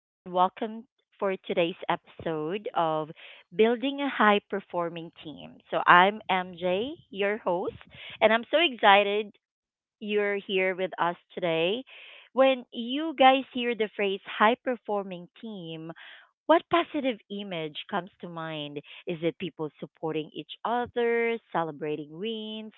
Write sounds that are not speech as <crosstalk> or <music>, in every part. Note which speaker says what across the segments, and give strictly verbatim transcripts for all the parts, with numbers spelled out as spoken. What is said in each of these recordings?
Speaker 1: and welcome for today's episode of Building a High Performing Team. So, I'm M J, your host, and I'm so excited you're here with us today. When you guys hear the phrase high performing team, what positive image comes to mind? Is it people supporting each other, celebrating wins,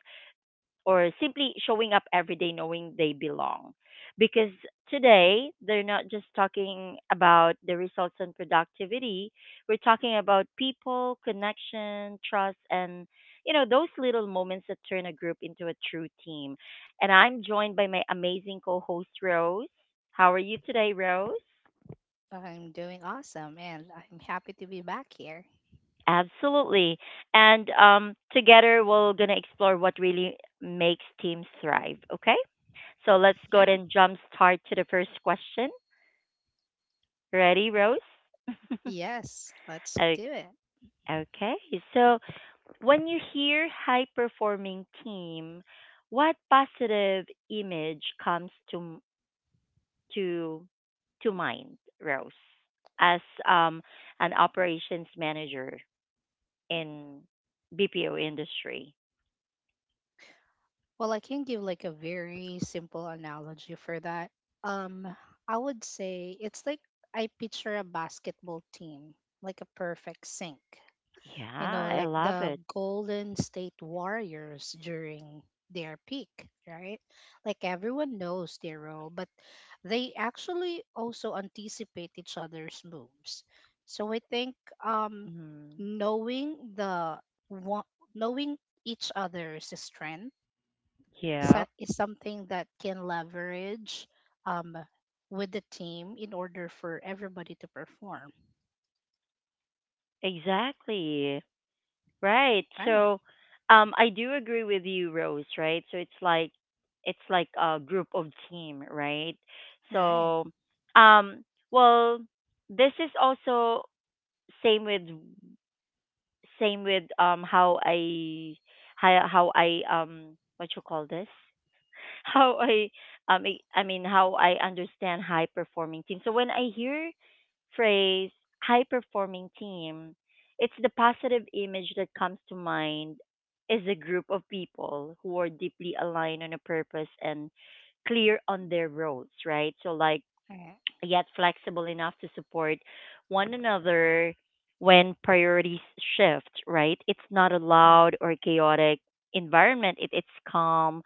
Speaker 1: or simply showing up every day knowing they belong? Because today, they're not just talking about the results and productivity. We're talking about people, connection, trust, and you know, those little moments that turn a group into a true team. And I'm joined by my amazing co host, Rose. How are you today, Rose?
Speaker 2: I'm doing awesome and I'm happy to be back here.
Speaker 1: Absolutely. And um, together, we're going to explore what really makes teams thrive, okay? So let's go
Speaker 2: Yeah.
Speaker 1: ahead and jump start to the first question. Ready, Rose? <laughs>
Speaker 2: Yes, let's
Speaker 1: O-
Speaker 2: do it.
Speaker 1: Okay. So when you hear high performing team, what positive image comes to to to mind, Rose, as um an operations manager in B P O industry?
Speaker 2: Well, I can give like a very simple analogy for that. Um, I would say it's like I picture a basketball team, like a perfect sink. You know,
Speaker 1: Yeah, I
Speaker 2: like
Speaker 1: love
Speaker 2: the
Speaker 1: it.
Speaker 2: Golden State Warriors during their peak, right? Like everyone knows their role, but they actually also anticipate each other's moves. So I think, um,
Speaker 1: Mm.
Speaker 2: knowing the wa- knowing each other's strength, sa-
Speaker 1: Yep,
Speaker 2: is something that can leverage, um, with the team in order for everybody to perform.
Speaker 1: exactly. Right.
Speaker 2: Right.
Speaker 1: So, um, I do agree with you, Rose. Right. So it's like it's like a group of team, right?
Speaker 2: Right.
Speaker 1: So, um, well, this is also same with same with um how I how how I um what you call this <laughs> how I um I I mean how I understand high performing team. So when I hear phrase high performing team, it's the positive image that comes to mind is a group of people who are deeply aligned on a purpose and clear on their roles, right? So like
Speaker 2: Right.
Speaker 1: yet flexible enough to support one another when priorities shift, right? It's not a
Speaker 2: Right.
Speaker 1: loud or chaotic environment, it, it's calm,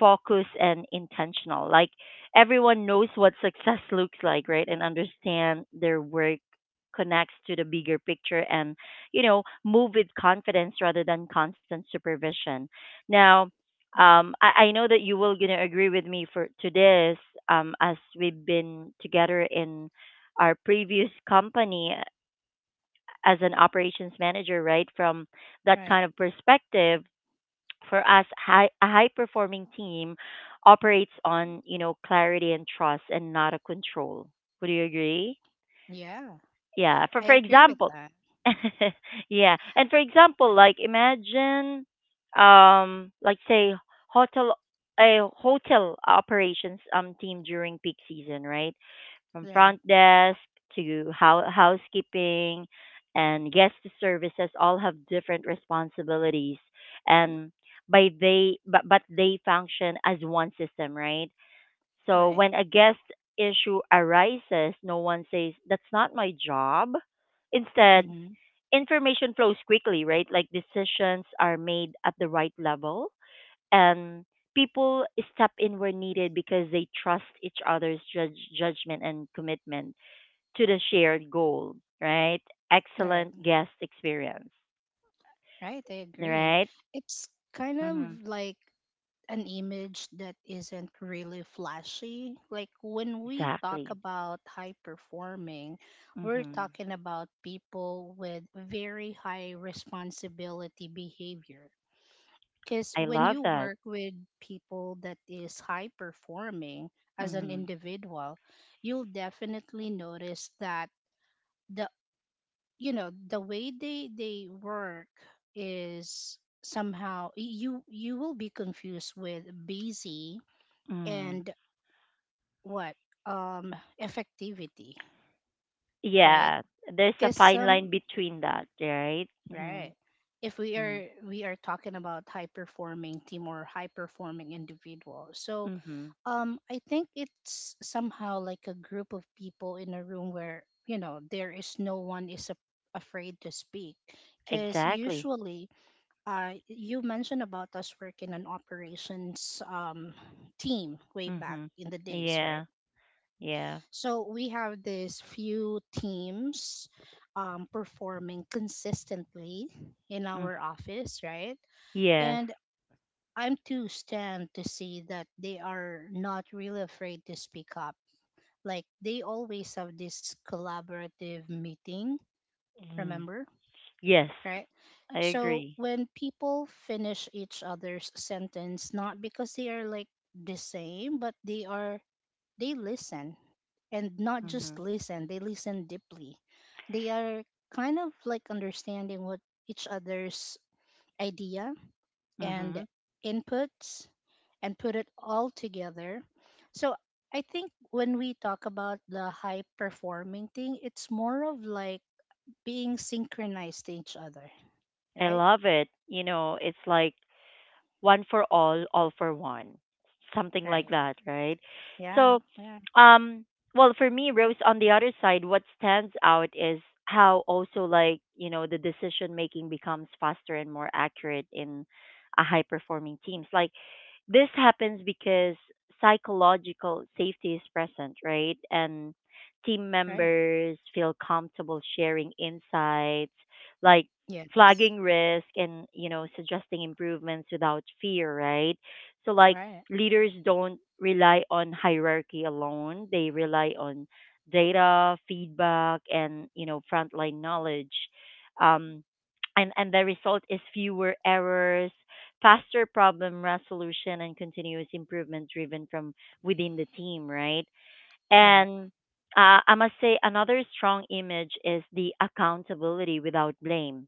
Speaker 1: focused, and intentional. Like everyone knows what <laughs> success looks like, right? And understand their work connects to the bigger picture and, you know, move with confidence rather than constant supervision. Now, um,
Speaker 2: Right.
Speaker 1: I, I know that you will gonna agree with me for to this. Um, as we've been together in our previous company as an operations manager, right? From that
Speaker 2: Right.
Speaker 1: kind of perspective, for us, high, a high performing team operates on you know clarity and trust, and not a control. Would you agree?
Speaker 2: Yeah,
Speaker 1: Yeah, for
Speaker 2: I
Speaker 1: for
Speaker 2: agree with
Speaker 1: example.
Speaker 2: that.
Speaker 1: <laughs> Yeah, and for example, like imagine um like say hotel a hotel operations um team during peak season, right? From
Speaker 2: Right,
Speaker 1: front desk to hou- housekeeping and guest services all have different responsibilities, and by they but, but they function as one system, right? So
Speaker 2: right,
Speaker 1: when a guest issue arises, no one says, that's not my job. Instead,
Speaker 2: mhm,
Speaker 1: information flows quickly, right? Like decisions are made at the right level, and people step in where needed because they trust each other's judge, judgment and commitment to the shared goal, right?
Speaker 2: right,
Speaker 1: Excellent guest experience,
Speaker 2: right. I agree.
Speaker 1: right?
Speaker 2: It's kind
Speaker 1: Mm-hmm.
Speaker 2: of like an image that isn't really flashy. Like when we talk
Speaker 1: Exactly.
Speaker 2: about high performing, we're
Speaker 1: Mm-hmm.
Speaker 2: talking about people with very high responsibility behavior. Because
Speaker 1: I
Speaker 2: when
Speaker 1: love
Speaker 2: you
Speaker 1: that.
Speaker 2: work with people that is high performing as an
Speaker 1: Mm-hmm.
Speaker 2: individual, you'll definitely notice that the you know the way they they work is somehow, y- you you will be confused with busy
Speaker 1: Mm.
Speaker 2: and what, um effectivity, right?
Speaker 1: Yeah, there's a
Speaker 2: Because
Speaker 1: fine
Speaker 2: some,
Speaker 1: line between that, right? Mhm.
Speaker 2: right, if we
Speaker 1: Mhm.
Speaker 2: are we are talking about high performing team or high performing individual. So,
Speaker 1: Mhm.
Speaker 2: um I think it's somehow like a group of people in a room where, you know there is no one is a, afraid to speak. Because
Speaker 1: Exactly.
Speaker 2: usually, uh, you mentioned about us working an operations, um, team way back
Speaker 1: Mhm.
Speaker 2: in the days, right?
Speaker 1: Yeah. Yeah.
Speaker 2: So we have these few teams, um, performing consistently in
Speaker 1: Mm.
Speaker 2: our office, right?
Speaker 1: Yes.
Speaker 2: And I'm too stunned to see that they are not really afraid to speak up. Like they always have this collaborative meeting,
Speaker 1: Mhm.
Speaker 2: remember,
Speaker 1: Yes.
Speaker 2: right?
Speaker 1: I
Speaker 2: So
Speaker 1: agree.
Speaker 2: when people finish each other's sentence, not because they are like the same, but they are they listen. And not just
Speaker 1: Mhm.
Speaker 2: listen, they listen deeply. They are kind of like understanding what each other's idea and
Speaker 1: Mhm.
Speaker 2: inputs and put it all together. So I think when we talk about the high performing thing, it's more of like being synchronized to each other,
Speaker 1: I
Speaker 2: right?
Speaker 1: love it. You know, it's like one for all, all for one, something like
Speaker 2: Right.
Speaker 1: that, right?
Speaker 2: Yeah,
Speaker 1: So,
Speaker 2: yeah,
Speaker 1: um, well, for me, Rose, on the other side, what stands out is how also like you know the decision making becomes faster and more accurate in a high performing teams. Like this happens because psychological safety is present, right? And team
Speaker 2: right.
Speaker 1: members feel comfortable sharing insights, like
Speaker 2: Yes.
Speaker 1: flagging risk and you know suggesting improvements without fear, right? So like
Speaker 2: Right,
Speaker 1: leaders don't rely on hierarchy alone, they rely on data feedback and you know frontline knowledge um, and and the result is fewer errors, faster problem resolution, and continuous improvement driven from within the team, right?
Speaker 2: right,
Speaker 1: And uh, I must say, another strong image is the accountability without blame,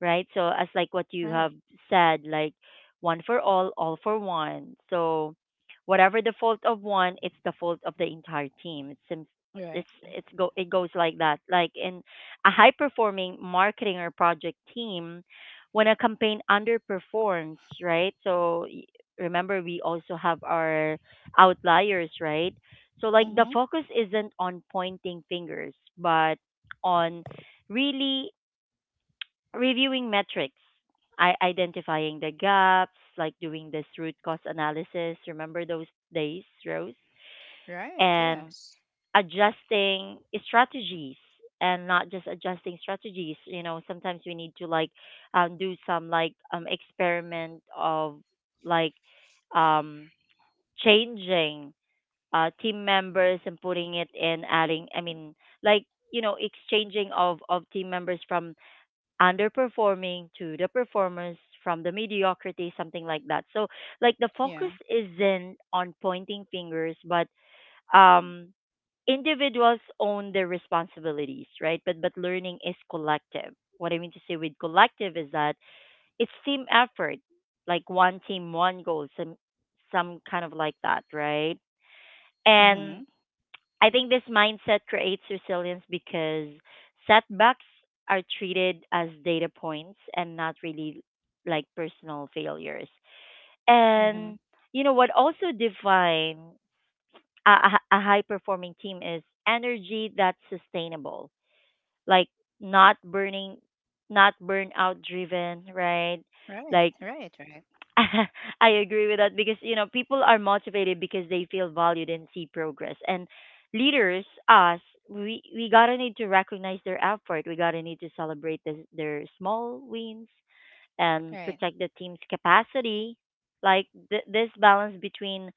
Speaker 1: right? So, as like what you have
Speaker 2: right,
Speaker 1: said, like one for all, all for one. So, whatever the fault of one, it's the fault of the entire team. It seems
Speaker 2: right.
Speaker 1: it's it's go it goes like that. Like in a high performing marketing or project team, when a campaign underperforms, right? So y- remember we also have our outliers, right? So like the
Speaker 2: Mm-hmm.
Speaker 1: focus isn't on pointing fingers, but on really reviewing metrics, I identifying the gaps, like doing this root cause analysis. Remember those days, Rose?
Speaker 2: Right,
Speaker 1: And
Speaker 2: yes.
Speaker 1: adjusting strategies, and not just adjusting strategies. You know, sometimes we need to like um, do some like um, experiment of like um, changing uh, team members, and putting it in adding I mean like you know exchanging of of team members from underperforming to the performers, from the mediocrity, something like that. So like the
Speaker 2: Yeah.
Speaker 1: focus isn't on pointing fingers, but um individuals own their responsibilities, right? But but learning is collective. What I mean to say with collective is that it's team effort, like one team one goal, some some kind of like that, right?
Speaker 2: Mm-hmm.
Speaker 1: And I think this mindset creates resilience because setbacks are treated as data points and not really like personal failures.
Speaker 2: Mm-hmm.
Speaker 1: And you know what also define a, a high performing team is energy that's sustainable, like not burning, not burnout driven, right?
Speaker 2: Right,
Speaker 1: Like
Speaker 2: right, right, right,
Speaker 1: <laughs> I agree with that because you know people are motivated because they feel valued and see progress. And leaders, us, we we gotta need to recognize their effort. We gotta need to celebrate this, their small wins and
Speaker 2: correct,
Speaker 1: protect the team's capacity. Like th- this balance between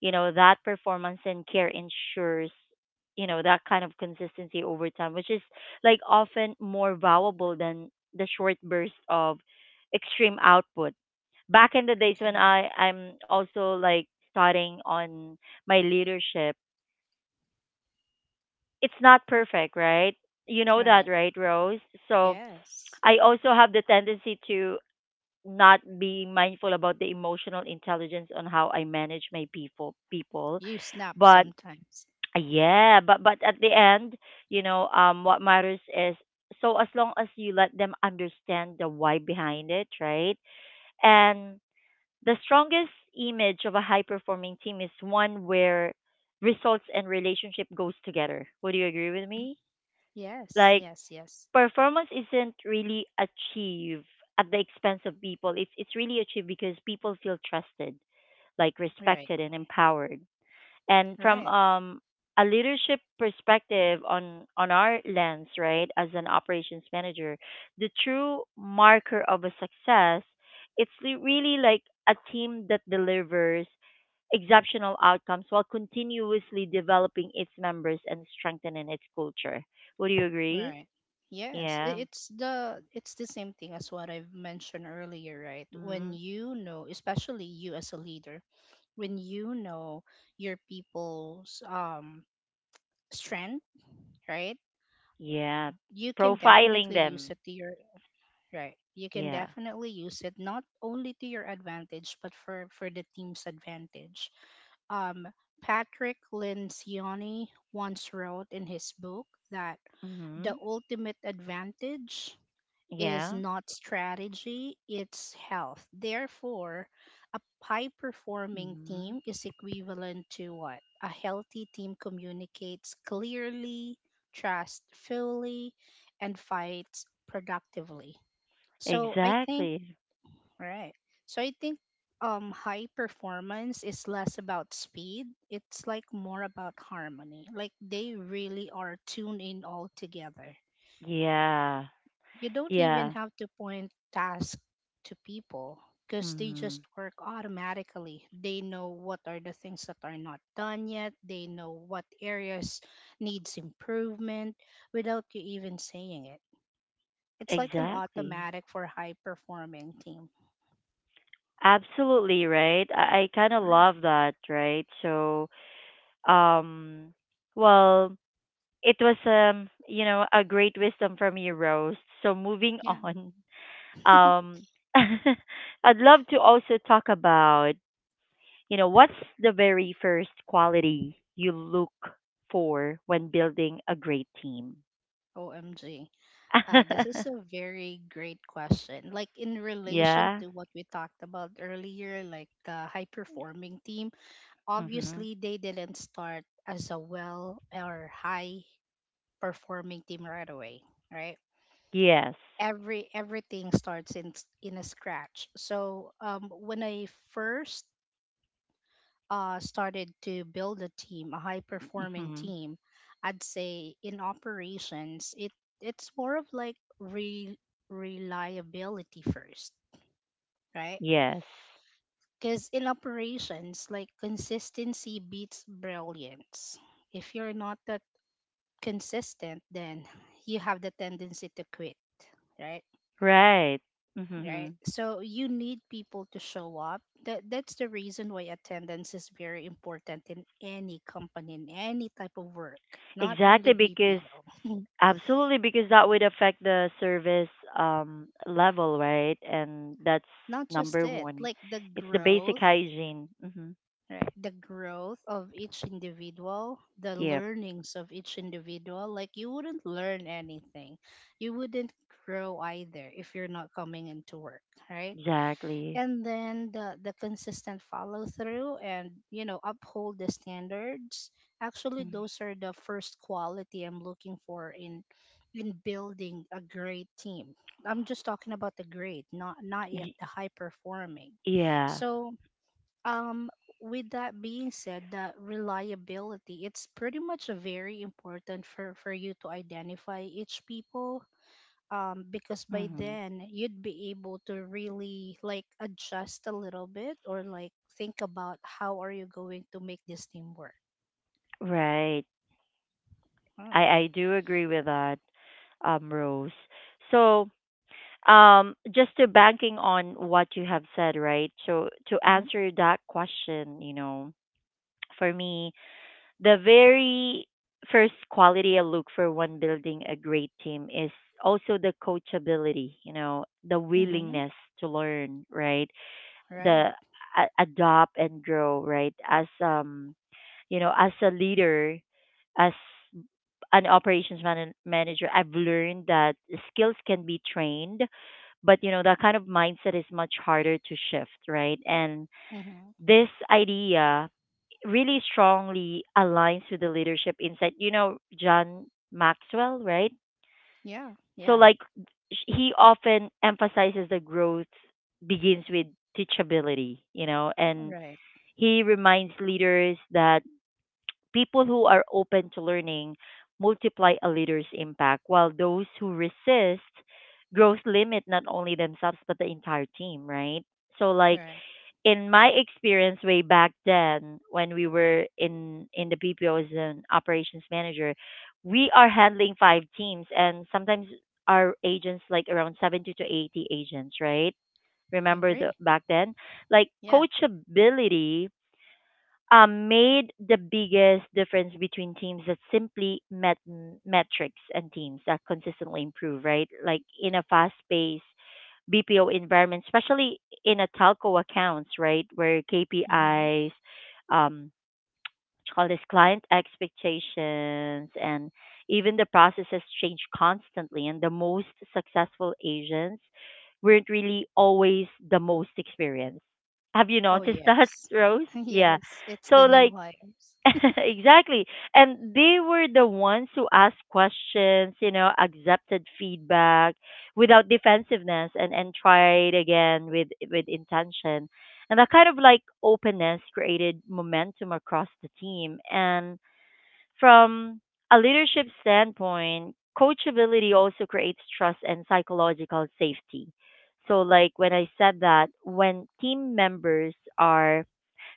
Speaker 1: you know that performance and care ensures you know that kind of consistency over time, which is like often more valuable than the short burst of extreme output. Back in the days when I I'm also like starting on my leadership, it's not perfect, right? You know that,
Speaker 2: right.
Speaker 1: right, Rose? So
Speaker 2: Yes.
Speaker 1: I also have the tendency to not be mindful about the emotional intelligence on how I manage my people people.
Speaker 2: You snap
Speaker 1: But
Speaker 2: sometimes.
Speaker 1: yeah, but but at the end, you know, um what matters is, so as long as you let them understand the why behind it, right? And the strongest image of a high performing team is one where results and relationship goes together. Would you agree with me?
Speaker 2: Yes,
Speaker 1: Like
Speaker 2: yes, yes.
Speaker 1: performance isn't really achieved at the expense of people. It's it's really achieved because people feel trusted, like
Speaker 2: Right,
Speaker 1: respected and empowered, and from
Speaker 2: right,
Speaker 1: um a leadership perspective, on on our lens, right, as an operations manager, the true marker of a success, it's li- really like a team that delivers exceptional outcomes while continuously developing its members and strengthening its culture. Would you agree?
Speaker 2: right. Yes, i-
Speaker 1: Yeah.
Speaker 2: it's the it's the same thing as what I've mentioned earlier, right? When
Speaker 1: Hmm.
Speaker 2: you know, especially you as a leader, when you know your people's, um strength, right?
Speaker 1: Yeah,
Speaker 2: You can
Speaker 1: profiling
Speaker 2: definitely use
Speaker 1: them.
Speaker 2: it to your. Right. You can
Speaker 1: Yeah.
Speaker 2: definitely use it not only to your advantage but for for the team's advantage. Um Patrick Lencioni once wrote in his book that
Speaker 1: Mhm.
Speaker 2: the ultimate advantage is
Speaker 1: Yeah.
Speaker 2: not strategy, it's health. Therefore, a high performing
Speaker 1: Mhm.
Speaker 2: team is equivalent to what? A healthy team communicates clearly, trusts fully, and fights productively. So I think,
Speaker 1: Exactly.
Speaker 2: right. So I think, um high performance is less about speed. It's like more about harmony. Like they really are tuned in all together.
Speaker 1: Yeah.
Speaker 2: You don't even
Speaker 1: Yeah.
Speaker 2: have to point tasks to people because they just
Speaker 1: Hmm.
Speaker 2: work automatically. They know what are the things that are not done yet. They know what areas needs improvement without you even saying it. It's like an
Speaker 1: Exactly.
Speaker 2: automatic for high performing team.
Speaker 1: Absolutely right. I, I kind of
Speaker 2: Yeah.
Speaker 1: love that, right? So, um, well, it was um, you know, a great wisdom from you, Rose. So moving
Speaker 2: Yeah.
Speaker 1: on, um, <laughs> I'd love to also talk about, you know, what's the very first quality you look for when building a great team?
Speaker 2: <laughs> O M G. Uh, this is
Speaker 1: <laughs>
Speaker 2: a very great question. Like in relation
Speaker 1: Yeah.
Speaker 2: to what we talked about earlier, like the high performing team,
Speaker 1: Mm-hmm.
Speaker 2: obviously, they didn't start as a well or high performing team right away, right?
Speaker 1: Yes.
Speaker 2: Every everything starts in s- in a scratch. So, um, when I first, uh, started to build a team, a high performing
Speaker 1: Mm-hmm.
Speaker 2: team, I'd say in operations, it it's more of like, re- reliability first, right?
Speaker 1: Yes.
Speaker 2: Because in operations, like consistency beats brilliance. If you're not that consistent, then you have the tendency to quit, right?
Speaker 1: Right. Hmm.
Speaker 2: Right. So you need people to show up. That that's the reason why attendance is very important in any company, in any type of work, not only
Speaker 1: Exactly, because
Speaker 2: B P O.
Speaker 1: absolutely, because that would affect the service um level, right? And that's
Speaker 2: Not just
Speaker 1: number
Speaker 2: it,
Speaker 1: one.
Speaker 2: like the
Speaker 1: It's the basic
Speaker 2: growth,
Speaker 1: hygiene. Hmm.
Speaker 2: right? The growth of each individual, the
Speaker 1: Yep.
Speaker 2: learnings of each individual. Like you wouldn't learn anything. You wouldn't grow either if you're not coming into work, right?
Speaker 1: Exactly.
Speaker 2: And then the the consistent follow through, and you know uphold the standards. Actually,
Speaker 1: Mm.
Speaker 2: those are the first quality I'm looking for in in building a great team. I'm just talking about the great, not not yet
Speaker 1: Y-
Speaker 2: the high performing.
Speaker 1: yeah.
Speaker 2: So, um with that being said, the reliability, it's pretty much very important for for you to identify each people, um, because by
Speaker 1: Hmm.
Speaker 2: then you'd be able to really like adjust a little bit or like think about how are you going to make this team work.
Speaker 1: Right.
Speaker 2: Huh.
Speaker 1: I I do agree with that, um, Rose. So, um, just to banking on what you have said, right? So to
Speaker 2: Mm-hmm.
Speaker 1: answer that question, you know, for me, the very first quality I look for when building a great team is also the coachability, you know, the
Speaker 2: Mm-hmm.
Speaker 1: willingness to learn, right? The
Speaker 2: Right.
Speaker 1: a- adopt and grow, right? As um, you know, as a leader, as an operations man- manager, I've learned that skills can be trained, but you know, that kind of mindset is much harder to shift, right? And
Speaker 2: Mm-hmm.
Speaker 1: this idea really strongly aligns with the leadership insight. You know, John Maxwell, right?
Speaker 2: Yeah.
Speaker 1: So,
Speaker 2: Yeah.
Speaker 1: like, sh- he often emphasizes that growth begins with teachability, you know, and
Speaker 2: Right.
Speaker 1: he reminds leaders that people who are open to learning multiply a leader's impact, while those who resist growth limit not only themselves but the entire team, right? So, like,
Speaker 2: Right.
Speaker 1: in my experience way back then when we were in in the B P O as an operations manager, we are handling five teams, and sometimes our agents like around seventy to eighty agents, right? Remember the
Speaker 2: Agree.
Speaker 1: back then? Like
Speaker 2: Yeah.
Speaker 1: coachability um, made the biggest difference between teams that simply met metrics and teams that consistently improve, right? Like in a fast paced B P O environment, especially in a telco accounts, right, where
Speaker 2: Mm-hmm.
Speaker 1: K P Is, um, what you call this client expectations, and even the processes change constantly. And the most successful agents weren't really always the most experienced. Have you
Speaker 2: Oh
Speaker 1: noticed that,
Speaker 2: yes.
Speaker 1: <laughs> Rose?
Speaker 2: <laughs>
Speaker 1: Yeah.
Speaker 2: yes. It's
Speaker 1: So
Speaker 2: the new
Speaker 1: like
Speaker 2: hires
Speaker 1: <laughs> exactly. And they were the ones who asked questions, you know, accepted feedback without defensiveness, and, and tried again with with intention. And that kind of like openness created momentum across the team. And from a leadership standpoint, coachability also creates trust and psychological safety. So like when I said that when team members are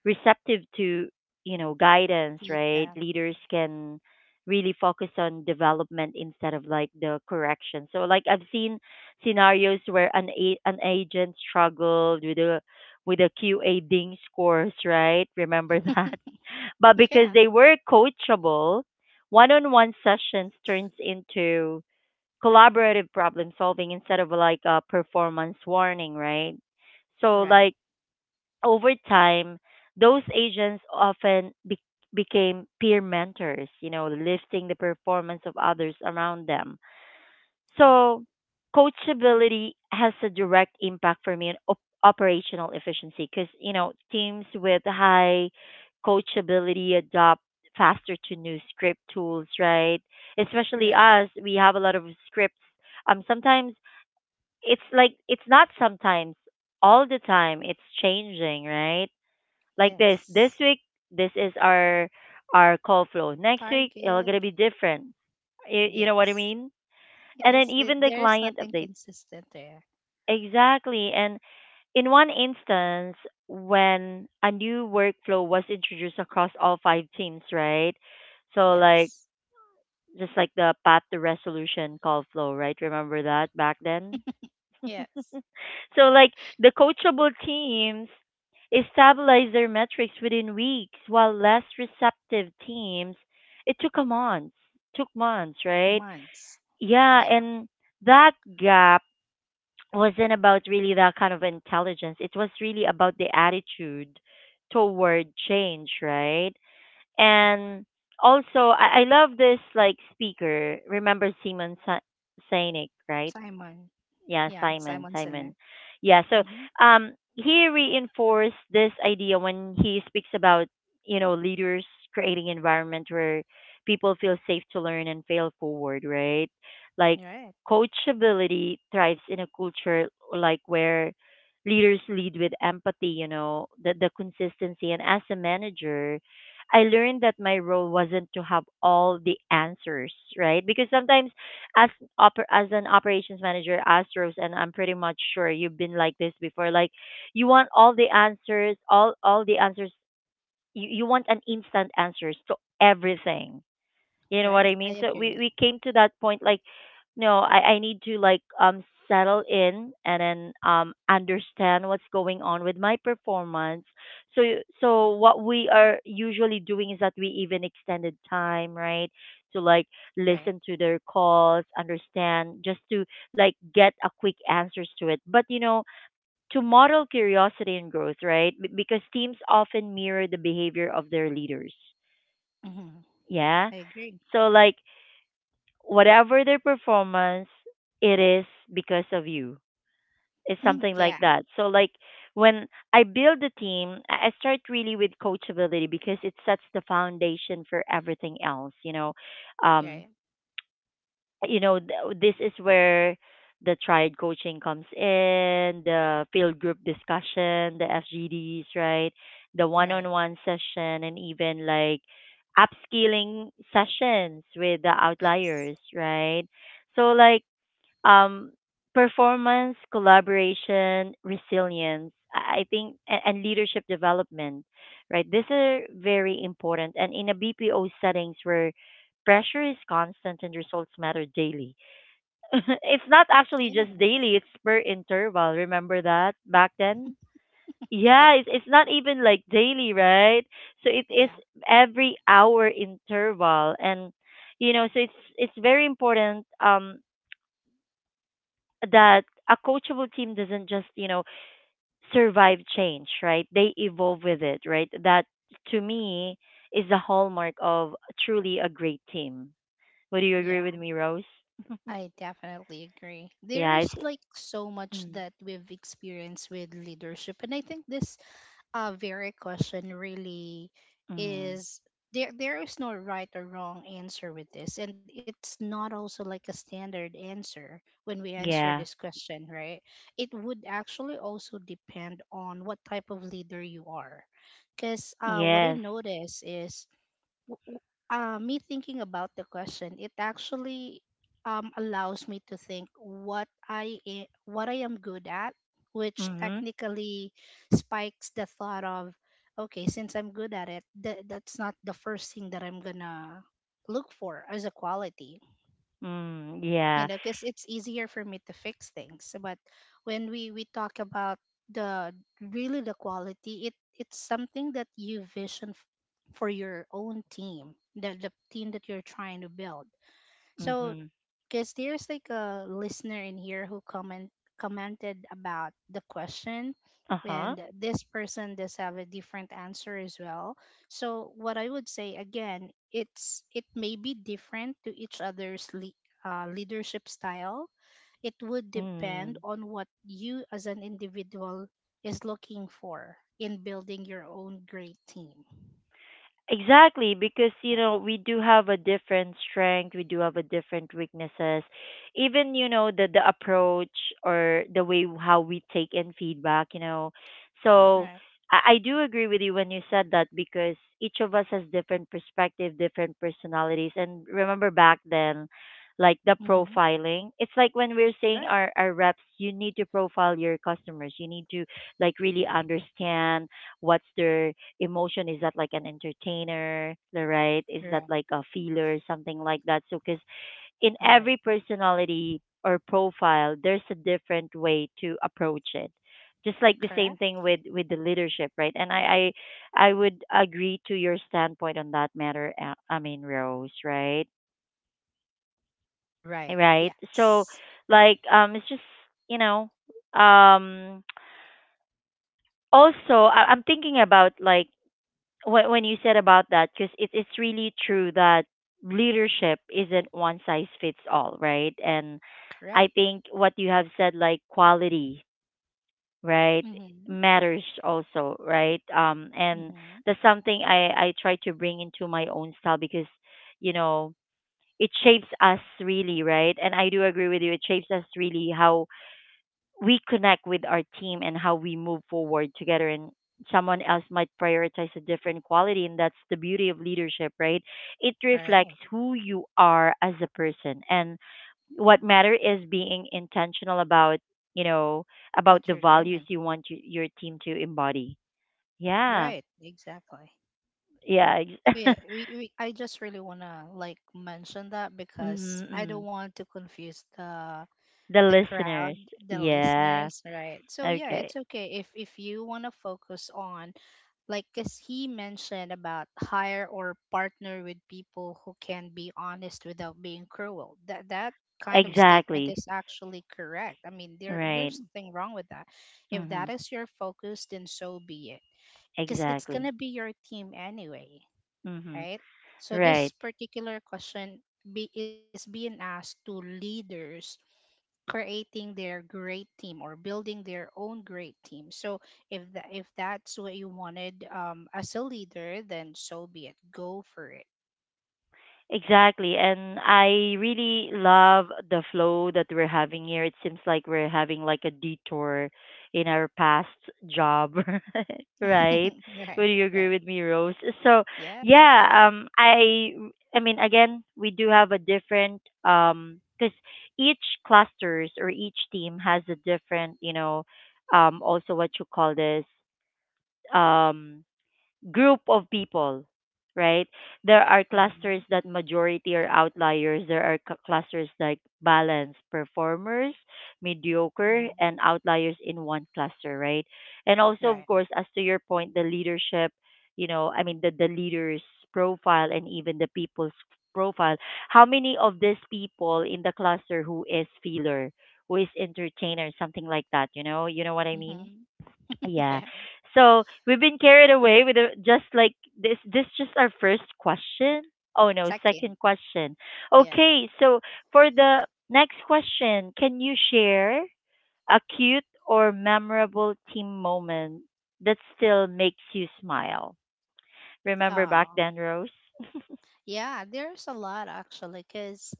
Speaker 1: receptive to you know guidance, right,
Speaker 2: feedback.
Speaker 1: leaders can really focus on development instead of like the correction. So like I've seen scenarios where an a- an agent struggled with a with a Q A ding scores, right? Remember
Speaker 2: <laughs>
Speaker 1: that? <laughs> But because
Speaker 2: yeah.
Speaker 1: they were coachable, one-on-one sessions turns into collaborative problem solving instead of like a performance warning, right? So
Speaker 2: Right.
Speaker 1: like over time, those agents often be- became peer mentors, you know, lifting the performance of others around them.
Speaker 2: Right.
Speaker 1: So, coachability has a direct impact for me on op- operational efficiency because, you know, teams with high coachability adopt faster to new script tools, right? Especially
Speaker 2: Right.
Speaker 1: us, we have a lot of scripts. Um, sometimes it's like, it's not sometimes, all the time, it's changing, right? Like this. This
Speaker 2: Yes.
Speaker 1: week, this is our our call flow. Next week, it'll gonna
Speaker 2: Target.
Speaker 1: be different. You, you know what I
Speaker 2: Yes. <laughs>
Speaker 1: mean? And then
Speaker 2: Yes. It,
Speaker 1: even the
Speaker 2: there's
Speaker 1: client
Speaker 2: nothing
Speaker 1: updates.
Speaker 2: consistent there.
Speaker 1: Exactly. And in one instance, when a new workflow was introduced across all five teams, right? So like
Speaker 2: Yes.
Speaker 1: just like the path to resolution call flow, right? Remember that back then? <laughs>
Speaker 2: Yes.
Speaker 1: So like the coachable teams stabilize their metrics within weeks while less receptive teams, it took a month took months, right?
Speaker 2: Months.
Speaker 1: Yeah.
Speaker 2: Yeah.
Speaker 1: And that gap wasn't about really that kind of intelligence, it was really about the attitude toward change, right?
Speaker 2: Yeah.
Speaker 1: And also, i, I love this like speaker, remember Simon Sa- Sinek, right?
Speaker 2: Simon.
Speaker 1: Yeah,
Speaker 2: Yeah.
Speaker 1: Simon,
Speaker 2: Simon
Speaker 1: Simon.
Speaker 2: Selnek.
Speaker 1: Yeah, so
Speaker 2: Mm-hmm.
Speaker 1: um he reinforced this idea when he speaks about, you know, leaders creating environment where people feel safe to learn and fail forward, right? Like
Speaker 2: Right.
Speaker 1: coachability thrives in a culture like where leaders lead with empathy, you know, the the consistency. And as a manager, I learned that my role wasn't to have all the answers, right? Because sometimes as oper- as an operations manager as Rose, and I'm pretty much sure you've been like this before, like you want all the answers, all all the answers, you, you want an instant answers to everything, you know what I
Speaker 2: Right. I
Speaker 1: mean? So we
Speaker 2: agree.
Speaker 1: we came to that point like no, I I need to like um settle in and then um understand what's going on with my performance. So y- so what we are usually doing is that we even extended time, right? To like
Speaker 2: Right.
Speaker 1: listen to their calls, understand, just to like get a quick answers to it. But you know, to model curiosity and growth, right? B- because teams often mirror the behavior of their leaders.
Speaker 2: Mm-hmm.
Speaker 1: Yeah.
Speaker 2: I agree.
Speaker 1: So like whatever their performance, it is because of you. It's
Speaker 2: <laughs>
Speaker 1: something like
Speaker 2: yeah.
Speaker 1: that. So like when I build the team, I I start really with coachability because it sets the foundation for everything else. You know, um,
Speaker 2: Right.
Speaker 1: you know th- this is where the triad coaching comes in, the field group discussion, the F G Ds, right? The
Speaker 2: Right.
Speaker 1: one-on-one session and even like upskilling sessions with the
Speaker 2: Yes.
Speaker 1: outliers, right? So like um, performance, collaboration, resilience, I I think, and, and leadership development, right? These are very important. And in a B P O settings where pressure is constant and results matter daily. <laughs> It's not actually
Speaker 2: Yes.
Speaker 1: just daily, it's per interval. Remember that back then?
Speaker 2: Yeah.
Speaker 1: Yeah, it's, it's not even like daily, right? So it is
Speaker 2: Yeah.
Speaker 1: every hour interval. And, you know, so it's, it's very important. Um, that a coachable team doesn't just, you know, survive change, right? They evolve with it, right? That, to me, is the hallmark of truly a great team. Would you agree
Speaker 2: Yeah.
Speaker 1: with me, Rose? <laughs>
Speaker 2: I definitely agree. There
Speaker 1: Yeah, it's,
Speaker 2: is like so much
Speaker 1: mm,
Speaker 2: that we've experienced with leadership. And I think this, uh, very question really
Speaker 1: mm, mm-hmm.
Speaker 2: is, there there is no right or wrong answer with this. And it's not also like a standard answer when we answer
Speaker 1: Yeah.
Speaker 2: this question, right? It would actually also depend on what type of leader you are, because, uh, what I
Speaker 1: Yes.
Speaker 2: notice is, w- w- uh, me thinking about the question, it actually, um, allows me to think what I a- what I am good at, which
Speaker 1: Mhm.
Speaker 2: technically spikes the thought of, okay, since I'm good at it, th- that's not the first thing that I'm gonna look for as a quality.
Speaker 1: Mm,
Speaker 2: You
Speaker 1: yeah.
Speaker 2: know, because it's easier for me to fix things. But when we we talk about the really the quality, it it's something that you vision, f- for your own team, the, the team that you're trying to build. So,
Speaker 1: Mhm.
Speaker 2: because there's like a listener in here who comment commented about the question,
Speaker 1: Uh-huh.
Speaker 2: and this person does have a different answer as well. So what I would say again, it's it may be different to each other's, le- uh, leadership style. It would depend
Speaker 1: Mm.
Speaker 2: on what you as an individual is looking for in building your own great team.
Speaker 1: Exactly, because you
Speaker 2: Right.
Speaker 1: know we do have a different strength, we do have a different weaknesses. Even you know the the approach or the way how we take in feedback, you know. So
Speaker 2: Right.
Speaker 1: I, I do agree with you when you said that because each of us has different perspective, different personalities. And remember back then, like the
Speaker 2: Mm-hmm.
Speaker 1: profiling, it's like when we're
Speaker 2: Right,
Speaker 1: saying our our reps, you need to profile your customers. You need to like really understand what's their emotion, is that like an entertainer, the right, is that
Speaker 2: right,
Speaker 1: like a feeler, something like that. So because in
Speaker 2: right,
Speaker 1: every personality or profile there's a different way to approach it, just like the same
Speaker 2: correct,
Speaker 1: thing with with the leadership, right? And i i, I would agree to your standpoint on that matter, uh, I mean, Rose, right?
Speaker 2: right,
Speaker 1: Right, so
Speaker 2: yes.
Speaker 1: like um it's just, you know um also, I- I'm thinking about like, when when you said about that because it, it's really true that leadership isn't one size fits all, right? And I
Speaker 2: Correct.
Speaker 1: think what you have said, like quality, right,
Speaker 2: Mm-hmm.
Speaker 1: matters also, right? Um and
Speaker 2: Mm-hmm.
Speaker 1: that's something i i try to bring into my own style because, you know, it shapes us really, right? And I do agree with you, it shapes us really how we connect with our team and how we move forward together. And someone else might prioritize a different quality, and that's the beauty of leadership, right? It reflects
Speaker 2: Right.
Speaker 1: who you are as a person, and what matter is being intentional about, you know about
Speaker 2: What
Speaker 1: the
Speaker 2: you're
Speaker 1: values
Speaker 2: doing.
Speaker 1: you want y- your team to embody. Yeah.
Speaker 2: Right. Exactly.
Speaker 1: Yeah,
Speaker 2: So
Speaker 1: ex-
Speaker 2: yeah,
Speaker 1: <laughs>
Speaker 2: we, we I just really wanna like mention that
Speaker 1: mhm,
Speaker 2: because I
Speaker 1: mhm.
Speaker 2: don't want to confuse the
Speaker 1: The
Speaker 2: the crowd,
Speaker 1: listeners.
Speaker 2: the
Speaker 1: Yeah.
Speaker 2: listeners, right? So yeah,
Speaker 1: Okay.
Speaker 2: it's okay if if you wanna focus on, like as he mentioned, about hire or partner with people who can be honest without being cruel. That that kind of statement
Speaker 1: Exactly.
Speaker 2: is actually correct. I mean, there
Speaker 1: Right.
Speaker 2: there's nothing wrong with that. If that
Speaker 1: Mhm.
Speaker 2: is your focus, then so be it. Because it's
Speaker 1: Exactly.
Speaker 2: gonna be your team anyway,
Speaker 1: Mhm.
Speaker 2: right? So this
Speaker 1: Right.
Speaker 2: particular question be, is being asked to leaders creating their great team or building their own great team. So if that if that's what you wanted, um, as a leader, then so be it. Go for it.
Speaker 1: Exactly. And I really love the flow that we're having here. It seems like we're having like a detour in our past job, <laughs> right?
Speaker 2: <laughs>
Speaker 1: Would
Speaker 2: right.
Speaker 1: you agree
Speaker 2: Right.
Speaker 1: with me, Rose? So,
Speaker 2: Yeah.
Speaker 1: yeah, um I I mean, again, we do have a different um cuz each clusters or each team has a different, you know, um also what you call this, um group of people, right? There are
Speaker 2: Hmm.
Speaker 1: clusters that majority are outliers. There are c- clusters like balance, performers, mediocre,
Speaker 2: Hmm.
Speaker 1: and outliers in one cluster, right? And also, of
Speaker 2: Right.
Speaker 1: course, as to your point, the leadership, you know, I mean, the, the leader's profile and even the people's profile. How many of these people in the cluster who is feeler, who is entertainer, something like that, you know? You know what I mean?
Speaker 2: Hmm. <laughs>
Speaker 1: Yeah.
Speaker 2: Yeah.
Speaker 1: So we've been carried away with a, just like this. This just our first question. Oh no,
Speaker 2: Second.
Speaker 1: second question.
Speaker 2: Yeah.
Speaker 1: Okay, so for the next question, can you share a cute or memorable team moment that still makes you smile? Remember back
Speaker 2: Oh.
Speaker 1: then, Rose?
Speaker 2: Yeah. There's a lot actually, because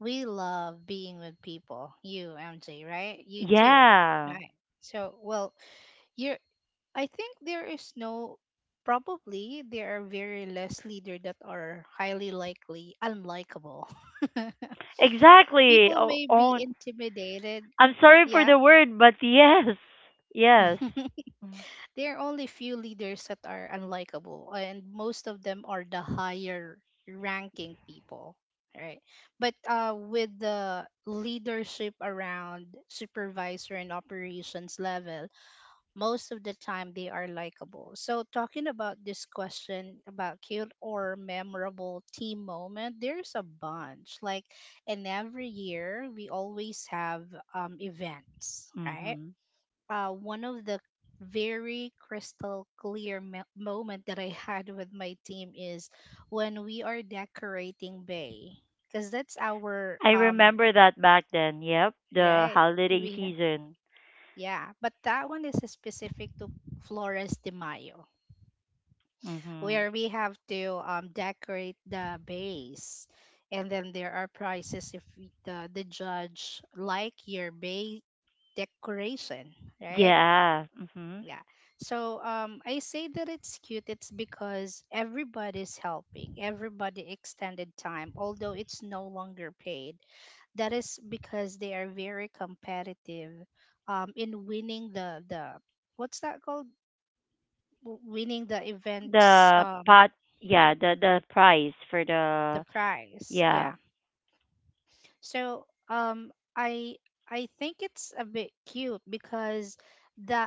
Speaker 2: we love being with people. You, M J, right? You too.
Speaker 1: Yeah,
Speaker 2: Right. So, well, you're I think there is no, probably there are very less leader that are highly likely unlikable. <laughs>
Speaker 1: exactly.
Speaker 2: People
Speaker 1: Oh,
Speaker 2: may be
Speaker 1: oh,
Speaker 2: intimidated.
Speaker 1: I'm sorry for
Speaker 2: Yeah.
Speaker 1: the word, but <laughs> yes, yes.
Speaker 2: <laughs> There are only few leaders that are unlikable, and most of them are the higher ranking people, right? But, uh, with the leadership around supervisor and operations level, most of the time they are likable. So talking about this question about cute or memorable team moment, there's a bunch. Like, and every year we always have, um events, right?
Speaker 1: Mm-hmm.
Speaker 2: Uh one of the very crystal clear me- moment that I <laughs> had with my team is when we are decorating bay, because that's our,
Speaker 1: I
Speaker 2: um,
Speaker 1: remember that back then. Yep, the
Speaker 2: right. Do
Speaker 1: holiday
Speaker 2: we have,
Speaker 1: season.
Speaker 2: yeah, but that one is specific to Flores de Mayo,
Speaker 1: Mhm.
Speaker 2: where we have to, um, decorate the base, and then there are prizes if y- the, the judge like your base decoration, right?
Speaker 1: Yeah. Mhm.
Speaker 2: Yeah. So, um I say that it's cute, it's because everybody's helping, everybody extended time although it's no longer paid. That is because they are very competitive, um in winning the the what's that called, W- winning the events,
Speaker 1: The
Speaker 2: um
Speaker 1: pot. Yeah. The the price for
Speaker 2: the
Speaker 1: the,
Speaker 2: price.
Speaker 1: yeah.
Speaker 2: Yeah. So, um I I think it's a bit cute, because the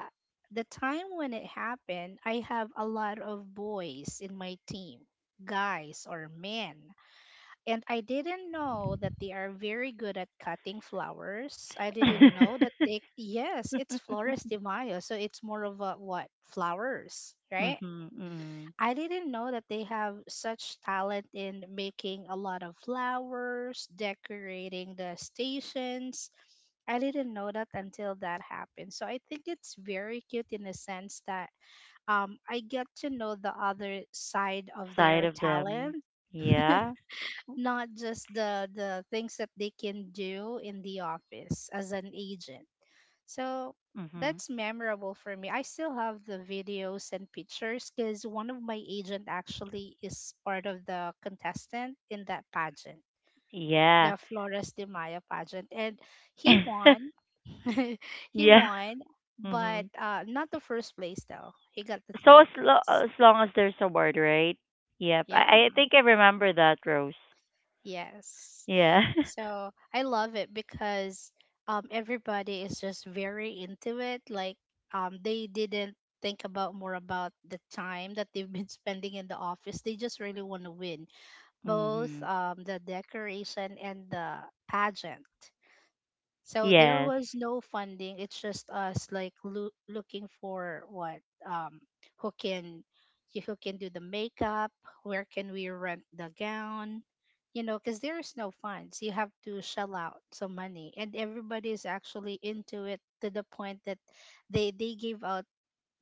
Speaker 2: the time when it happened, I have a lot of boys in my team, guys or men. And I didn't know that they are very good at cutting flowers. I didn't know
Speaker 1: <laughs>
Speaker 2: that they. Yes, it's Flores de Mayo, so it's more of a, what? Flowers, right?
Speaker 1: mhm. Mhm.
Speaker 2: I didn't know that they have such talent in making a lot of flowers, decorating the stations. I didn't know that until that happened. So I think it's very cute in the sense that um, I get to know the other side of
Speaker 1: Side
Speaker 2: their
Speaker 1: of them.
Speaker 2: talent,
Speaker 1: Yeah.
Speaker 2: not just the the things that they can do in the office as an agent. So
Speaker 1: Mhm.
Speaker 2: that's memorable for me. I still have the videos and pictures because one of my agent actually is part of the contestant in that pageant,
Speaker 1: Yeah.
Speaker 2: the Flores de Mayo pageant, and he won.
Speaker 1: <laughs>
Speaker 2: <laughs> He
Speaker 1: yeah.
Speaker 2: won, but
Speaker 1: Mhm.
Speaker 2: uh, not the first place though. He got the
Speaker 1: So
Speaker 2: third
Speaker 1: as lo-
Speaker 2: place.
Speaker 1: as long as there's a word, right? Yep. I I
Speaker 2: Yeah.
Speaker 1: think I remember that, Rose.
Speaker 2: Yes.
Speaker 1: Yeah. <laughs>
Speaker 2: So I love it because um everybody is just very into it. Like um they didn't think about more about the time that they've been <laughs> spending in the office. They just really want to win. Both
Speaker 1: mhm.
Speaker 2: um the decoration and the pageant. So there
Speaker 1: Yes.
Speaker 2: was no funding. It's just us like loo- looking for what um who can who can do the makeup, where can we rent the gown? You know, cuz there is no funds. You have to shell out some money and everybody is actually into it to the point that they they give out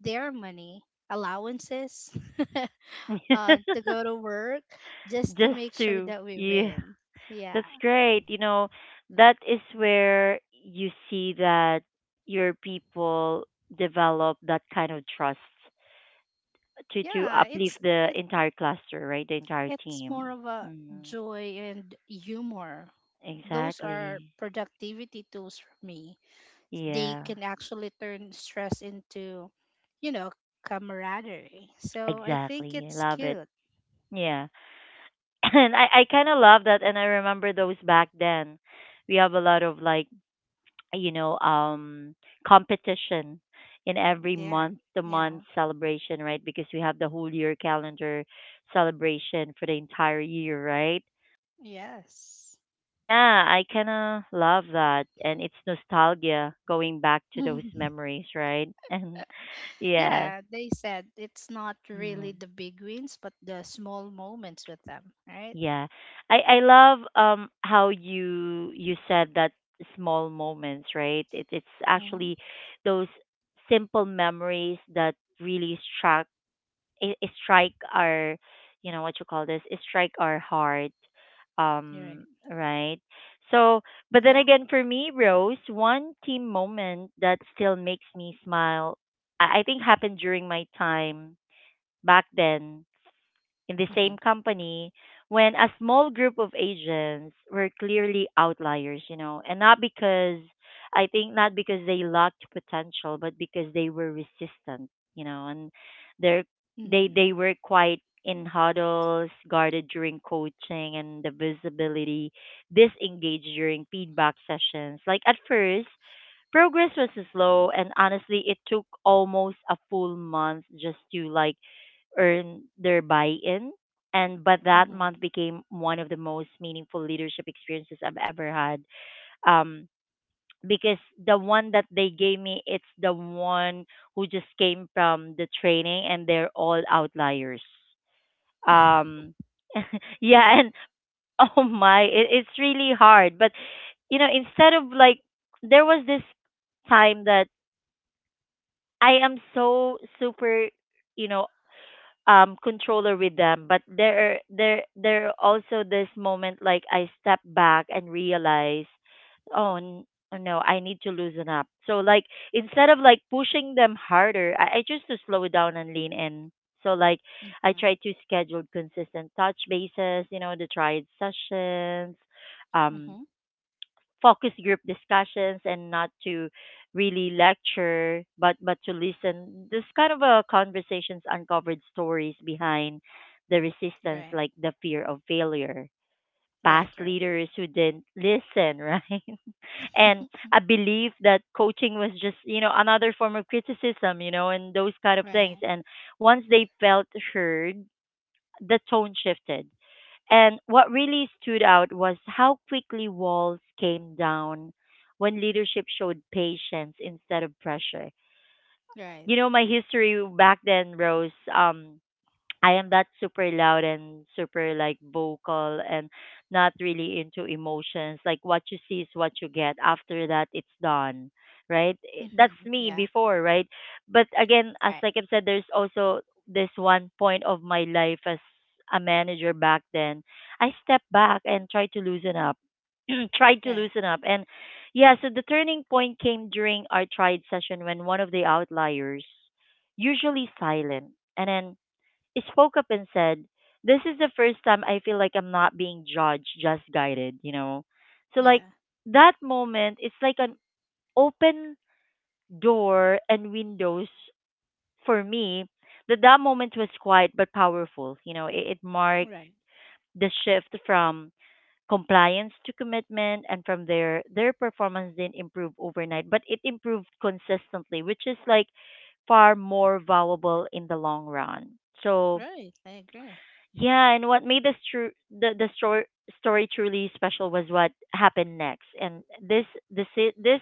Speaker 2: their money allowances <laughs> uh, to
Speaker 1: <laughs>
Speaker 2: go to work just to
Speaker 1: Just
Speaker 2: make sure
Speaker 1: to,
Speaker 2: that we
Speaker 1: yeah,
Speaker 2: win. Yeah.
Speaker 1: that's great, you know, that is where you see that your people develop that kind of trust to to
Speaker 2: Yeah, it's
Speaker 1: uplift the
Speaker 2: it.
Speaker 1: entire cluster, right, the entire
Speaker 2: It's
Speaker 1: team.
Speaker 2: more of a
Speaker 1: Hmm.
Speaker 2: joy and humor. Those are
Speaker 1: Exactly.
Speaker 2: productivity tools for me. They
Speaker 1: Yeah,
Speaker 2: can actually turn stress into, you know, camaraderie. So I think
Speaker 1: exactly. I
Speaker 2: it's
Speaker 1: love it.
Speaker 2: cute.
Speaker 1: Yeah. <laughs> <clears throat> And i i kind of love that, and I remember those back then, we have a lot of like, you know, um competition in every
Speaker 2: Yeah.
Speaker 1: month to month
Speaker 2: Yeah.
Speaker 1: celebration, right? Because we have the whole year calendar celebration for the entire year, right?
Speaker 2: Yes.
Speaker 1: Yeah. I kind of love that, and it's nostalgia going back to those
Speaker 2: <laughs>
Speaker 1: memories, right? <laughs> And yeah.
Speaker 2: Yeah, they said it's not really
Speaker 1: Mm,
Speaker 2: the big wins, but the small moments with them, right?
Speaker 1: yeah. I i love, um how you you said that small moments, right? It, it's
Speaker 2: Mm-hmm.
Speaker 1: actually those simple memories that really struck, it, it strike our, you know what you call this, it strike our heart,
Speaker 2: You're
Speaker 1: um
Speaker 2: right.
Speaker 1: right. So
Speaker 2: Yeah.
Speaker 1: but then again, for me, Rose, one team moment that still makes me smile, i, I think, happened during my time back then in the
Speaker 2: Mm-hmm.
Speaker 1: same company when a small group of agents were clearly outliers, you know, and not because I think not because they lacked potential, but because they were resistant, you know, and they're they
Speaker 2: Mm-hmm.
Speaker 1: they were quite in huddles, guarded during coaching and the visibility, disengaged during feedback sessions. Like at first, progress was slow, and honestly it took almost a full month just to like earn their buy-in, and but that
Speaker 2: Mm-hmm.
Speaker 1: month became one of the most meaningful leadership experiences I've ever had, um because the one that they gave me, it's the one who just came from the training, and they're all outliers.
Speaker 2: <laughs>
Speaker 1: um <laughs> yeah, and oh my, it, it's really hard. But you know instead of like, there was this time that I am so super you know um controller with them. But there there there are also this moment like I step back and realize, oh n- oh, no, I need to loosen up. So like instead of like pushing them harder, i, I choose to slow down and lean in. So like I
Speaker 2: Mm-hmm.
Speaker 1: try to schedule consistent touch bases, you know the tried sessions, um
Speaker 2: Mm-hmm.
Speaker 1: focus group discussions, and not to really lecture, but but to listen. This kind of uh, conversations uncovered stories behind the resistance,
Speaker 2: Right.
Speaker 1: like the fear of failure,
Speaker 2: Right,
Speaker 1: past
Speaker 2: right,
Speaker 1: leaders who didn't listen, right? <laughs> And a belief that coaching was just you know another form of criticism, you know and those kind of things.
Speaker 2: right,
Speaker 1: And once they felt heard, the tone shifted. And what really stood out was how quickly walls came down when leadership showed patience instead of pressure.
Speaker 2: right.
Speaker 1: You know, my history back then, Rose, um, I am that super loud and super like vocal and not really into emotions. Like what you see is what you get. After that, it's done, right? I- That's
Speaker 2: Mm-hmm.
Speaker 1: me
Speaker 2: Yeah,
Speaker 1: before, right? But again,
Speaker 2: right,
Speaker 1: as like I've said, there's also this one point of my life as a manager back then. I stepped back and tried to loosen up. <clears throat> Tried to
Speaker 2: right,
Speaker 1: loosen up, and yeah, so the turning point came during our tried session when one of the outliers, usually silent, and then spoke up and said, "This is the first time I feel like I'm not being judged, just guided." You know, so like
Speaker 2: yeah,
Speaker 1: that moment, it's like an open door and windows for me. That that moment was quiet but powerful. You know, it, it marked
Speaker 2: right,
Speaker 1: the shift from compliance to commitment, and from their their performance didn't improve overnight but it improved consistently, which is like far more valuable in the long run, so
Speaker 2: right. I agree.
Speaker 1: yeah. And what made this true the the story story truly special was what happened next. And this this i- this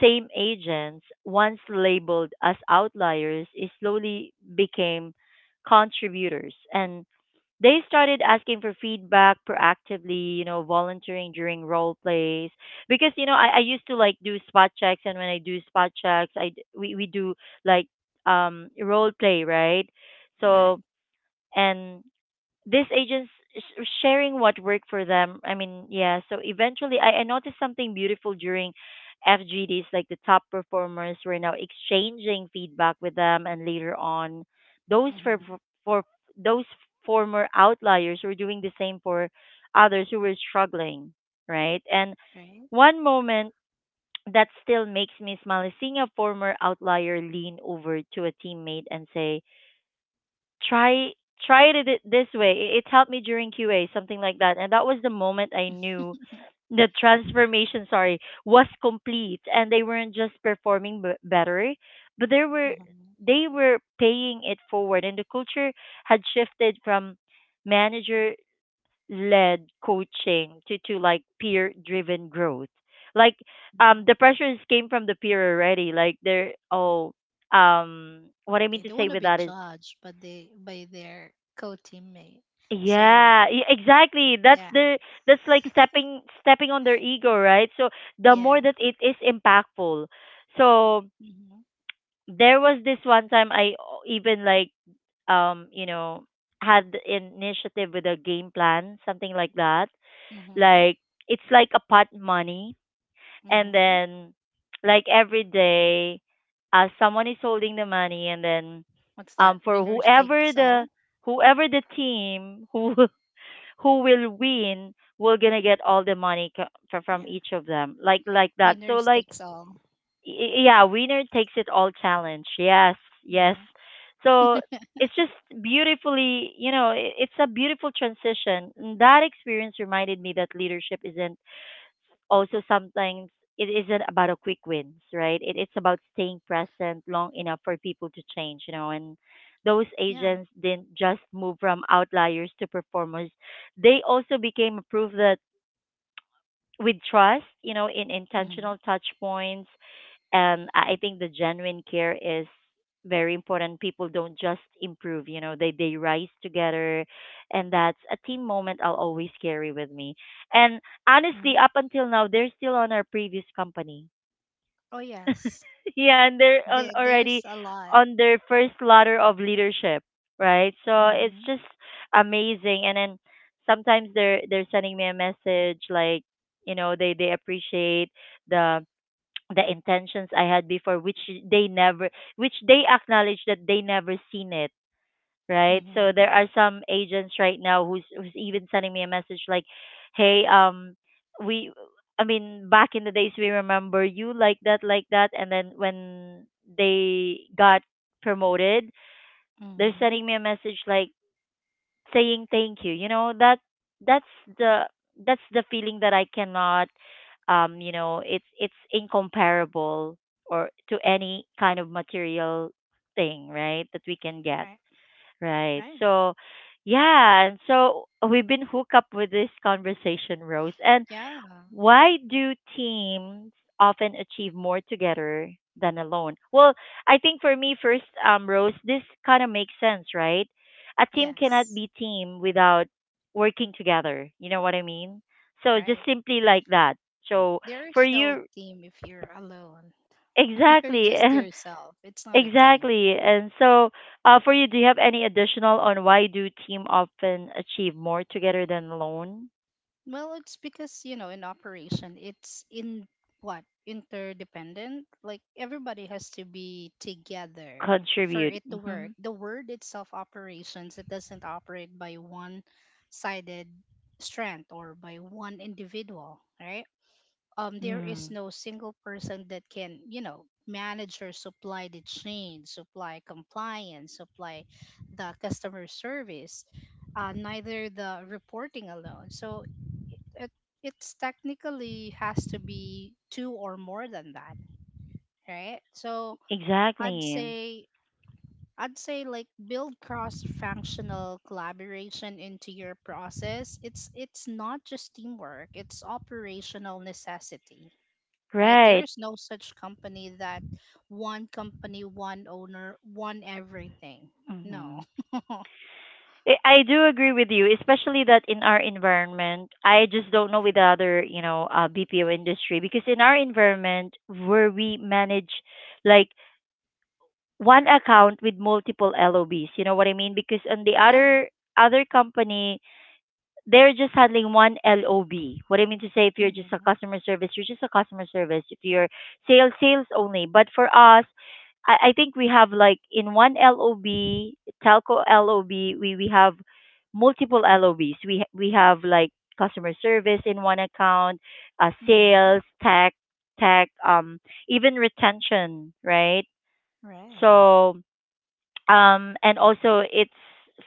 Speaker 1: same agents once labeled as outliers is slowly became contributors, and they started asking for feedback proactively, you know, volunteering during role plays. Because, you know, I, I used to like do spot checks, and when I do spot checks, I d- we, we do like um role play, right?
Speaker 2: Right.
Speaker 1: So, and these agents sh- sharing what worked for them. I mean, yeah. So eventually, I, I noticed something beautiful during F G Ds. Like the top performers were now exchanging feedback with them, and later on, those for
Speaker 2: Mm-hmm.
Speaker 1: for those former outliers were doing the same for others who were struggling, right? And
Speaker 2: Right.
Speaker 1: one moment that still makes me smile is seeing a former outlier lean over to a teammate and say, try try it it this way. It, it helped me during Q A, something like that. And that was the moment I
Speaker 2: <laughs>
Speaker 1: knew
Speaker 2: Mm-hmm.
Speaker 1: the transformation, sorry, was complete, and they weren't just performing b- better, but they were they were paying it forward, and the culture had shifted from manager led coaching to, to like peer driven growth. Like um the
Speaker 2: Mm-hmm.
Speaker 1: pressures came from the peer already. Like they're oh um what I mean
Speaker 2: They
Speaker 1: to
Speaker 2: don't
Speaker 1: say
Speaker 2: want to
Speaker 1: with
Speaker 2: be
Speaker 1: that is,
Speaker 2: judged, but they by their co-teammate. So
Speaker 1: yeah, e- exactly. That's
Speaker 2: yeah,
Speaker 1: the that's like stepping stepping on their ego, right? So the more
Speaker 2: yeah.
Speaker 1: that it is impactful. So
Speaker 2: Mm-hmm.
Speaker 1: there was this one time I o- even like um, you know, had an initiative with a game plan, something like that.
Speaker 2: Mm-hmm.
Speaker 1: Like it's like a pot money, and
Speaker 2: Mm-hmm.
Speaker 1: then like every day uh someone is holding the money, and then
Speaker 2: What's that?
Speaker 1: um for
Speaker 2: Winners
Speaker 1: whoever
Speaker 2: takes all.
Speaker 1: the whoever the team who <laughs> who will win, we're gonna get all the money co- fro- from
Speaker 2: Yeah.
Speaker 1: each of them, like like that, so
Speaker 2: Winners
Speaker 1: like
Speaker 2: takes all.
Speaker 1: y- yeah, winner takes it all challenge. Yes, yes.
Speaker 2: Yeah.
Speaker 1: So it's just beautifully, you know i- it's a beautiful transition. And that experience reminded me that leadership isn't, also sometimes it isn't about a quick wins, right? It, it's about staying present long enough for people to change, you know. And those
Speaker 2: Yeah.
Speaker 1: agents didn't just move from outliers to performers; they also became a proof that with trust, you know, in
Speaker 2: Mm-hmm.
Speaker 1: intentional touch points, and I I think the genuine care is very important. People don't just improve, you know, they they rise together, and that's a team moment I'll always carry with me. And honestly,
Speaker 2: Mm-hmm.
Speaker 1: up until now, they're still on our previous company.
Speaker 2: Oh yes.
Speaker 1: <laughs> Yeah, and they're on
Speaker 2: There, there's
Speaker 1: already,
Speaker 2: a lot.
Speaker 1: on their first ladder of leadership, right? So it's
Speaker 2: Mm-hmm.
Speaker 1: just amazing. And then sometimes they're they're sending me a message like, you know, they they appreciate the the intentions I had before, which they never, which they acknowledge that they never seen it, right? So
Speaker 2: Mm-hmm.
Speaker 1: there are some agents right now who's who's even sending me a message like, "Hey, um, we, I mean, back in the days we remember you like that, like that," and then when they got promoted, they're
Speaker 2: Hmm.
Speaker 1: sending me a message like, saying thank you, you know, that that's the, that's the feeling that I cannot, um you know it's it's incomparable or to any kind of material thing, right, that we can get,
Speaker 2: Right.
Speaker 1: right?
Speaker 2: Right.
Speaker 1: So yeah, and so we've been hooked up with this conversation, Rose, and
Speaker 2: Yeah.
Speaker 1: why do teams often achieve more together than alone? Well, I think for me first, um, Rose, this kind of makes sense, right? A team cannot
Speaker 2: Yes.
Speaker 1: be team without working together. You know what I mean? So just
Speaker 2: Right.
Speaker 1: simply like that. So
Speaker 2: There
Speaker 1: for
Speaker 2: is no
Speaker 1: you,
Speaker 2: team if you're alone. <laughs> You're
Speaker 1: exactly, <laughs>
Speaker 2: just
Speaker 1: and
Speaker 2: yourself. It's not a team.
Speaker 1: exactly, and so uh, for you, do you have any additional on why do team often achieve more together than alone?
Speaker 2: Well, it's because, you know, in operation, it's in what? Interdependent. Like everybody has to be together for
Speaker 1: Contribute.
Speaker 2: it to work.
Speaker 1: Hmm.
Speaker 2: The word itself, operations, it doesn't operate by one sided strength or by one individual, right? Um, there is
Speaker 1: Mm,
Speaker 2: no single person that can, you know, manage or supply the chain, supply compliance, supply the customer service, uh, neither the reporting alone. So it, it it's technically has to be two or more than that, right? So I'd
Speaker 1: exactly.
Speaker 2: say I'd say like build cross-functional collaboration into your process. It's it's not just teamwork, it's operational necessity, right? There
Speaker 1: Right.
Speaker 2: is no such company that one company, one owner, one everything. No.
Speaker 1: Hmm.
Speaker 2: <laughs>
Speaker 1: I I do agree with you, especially that in our environment, I just don't know with the other, you know, uh, B P O industry, because in our environment where we manage like one account with multiple L O Bs, you know what I mean? Because on the
Speaker 2: Right.
Speaker 1: other other company, they're just handling one L O B. What I mean to say, if you're just a
Speaker 2: Mm-hmm.
Speaker 1: customer service, you're just a customer service. If you're sales, sales only. But for us, I, I think we have like in one L O B, telco L O B, we, we have multiple L O Bs. We we have like customer service in one account, uh,
Speaker 2: Mm-hmm.
Speaker 1: sales, tech, tech, um, even retention, right?
Speaker 2: Right.
Speaker 1: So, um and also it's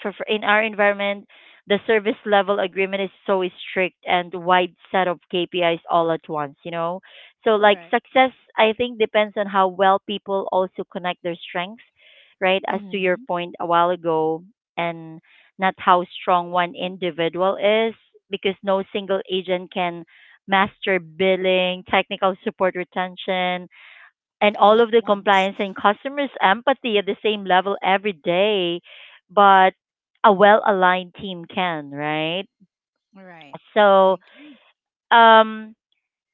Speaker 1: for, for in our environment, the service level agreement is so strict, and wide set of K P Is all at once, you know, so like
Speaker 2: Right.
Speaker 1: success, I think, depends on how well people also connect their strengths, right, as to your
Speaker 2: Mm-hmm.
Speaker 1: point a while ago, and not how strong one individual is, because no single agent can master billing, technical support, retention, and
Speaker 2: All
Speaker 1: all
Speaker 2: at
Speaker 1: of the
Speaker 2: once.
Speaker 1: compliance and customers' empathy at the same level every day, but a well aligned team can, right?
Speaker 2: <laughs> Right.
Speaker 1: So,
Speaker 2: I agree.
Speaker 1: um,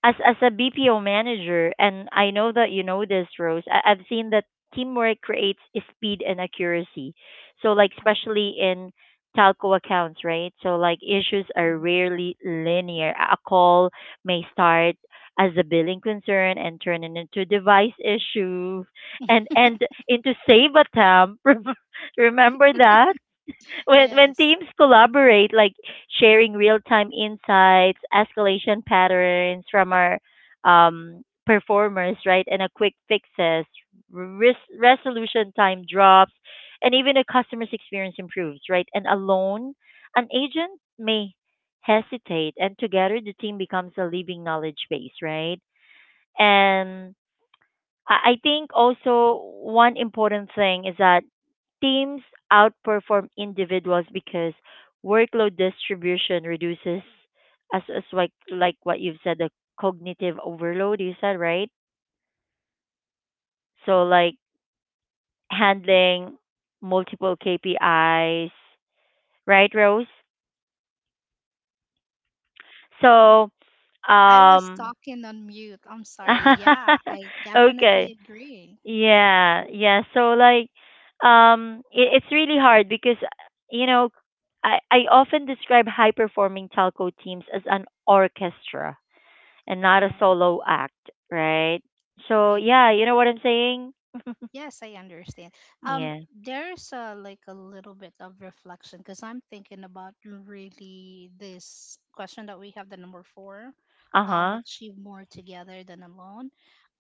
Speaker 1: as as a B P O manager, and I know that you know this, Rose. I, I've seen that teamwork creates speed and accuracy. So like
Speaker 2: Right.
Speaker 1: especially in telco accounts, right? So like issues are
Speaker 2: Mm-hmm.
Speaker 1: rarely linear. A a call may start as a billing concern and turn it into device issue, and and into save attempt. <laughs> Remember that? When when
Speaker 2: Yes.
Speaker 1: teams collaborate, like sharing real time insights, escalation patterns from our, um, performers, right, and a quick fixes, res- resolution time drops, and even a customer's experience improves, right. And alone, an agent may hesitate, and together the team becomes a living knowledge base, right. And I I think also one important thing is that teams outperform individuals because workload distribution reduces, as as like like what you've said, the cognitive overload, you said, right, so like handling multiple K P Is, right, Rose? So
Speaker 2: I was
Speaker 1: um
Speaker 2: talking on mute. I'm sorry.
Speaker 1: <laughs>
Speaker 2: Yeah, I definitely
Speaker 1: okay.
Speaker 2: agree.
Speaker 1: Yeah, yeah. So like, um, it, it's really hard because, you know, I I often describe high performing telco teams as an orchestra and not a
Speaker 2: Right.
Speaker 1: solo act, right?
Speaker 2: I
Speaker 1: So yeah,
Speaker 2: agree.
Speaker 1: you know what I'm saying? <laughs>
Speaker 2: Yes, I understand. Um,
Speaker 1: Yeah.
Speaker 2: there's a, like a little bit of reflection because I'm thinking about really this question that we have, the number four,
Speaker 1: Uh
Speaker 2: um,
Speaker 1: huh.
Speaker 2: achieve more together than alone.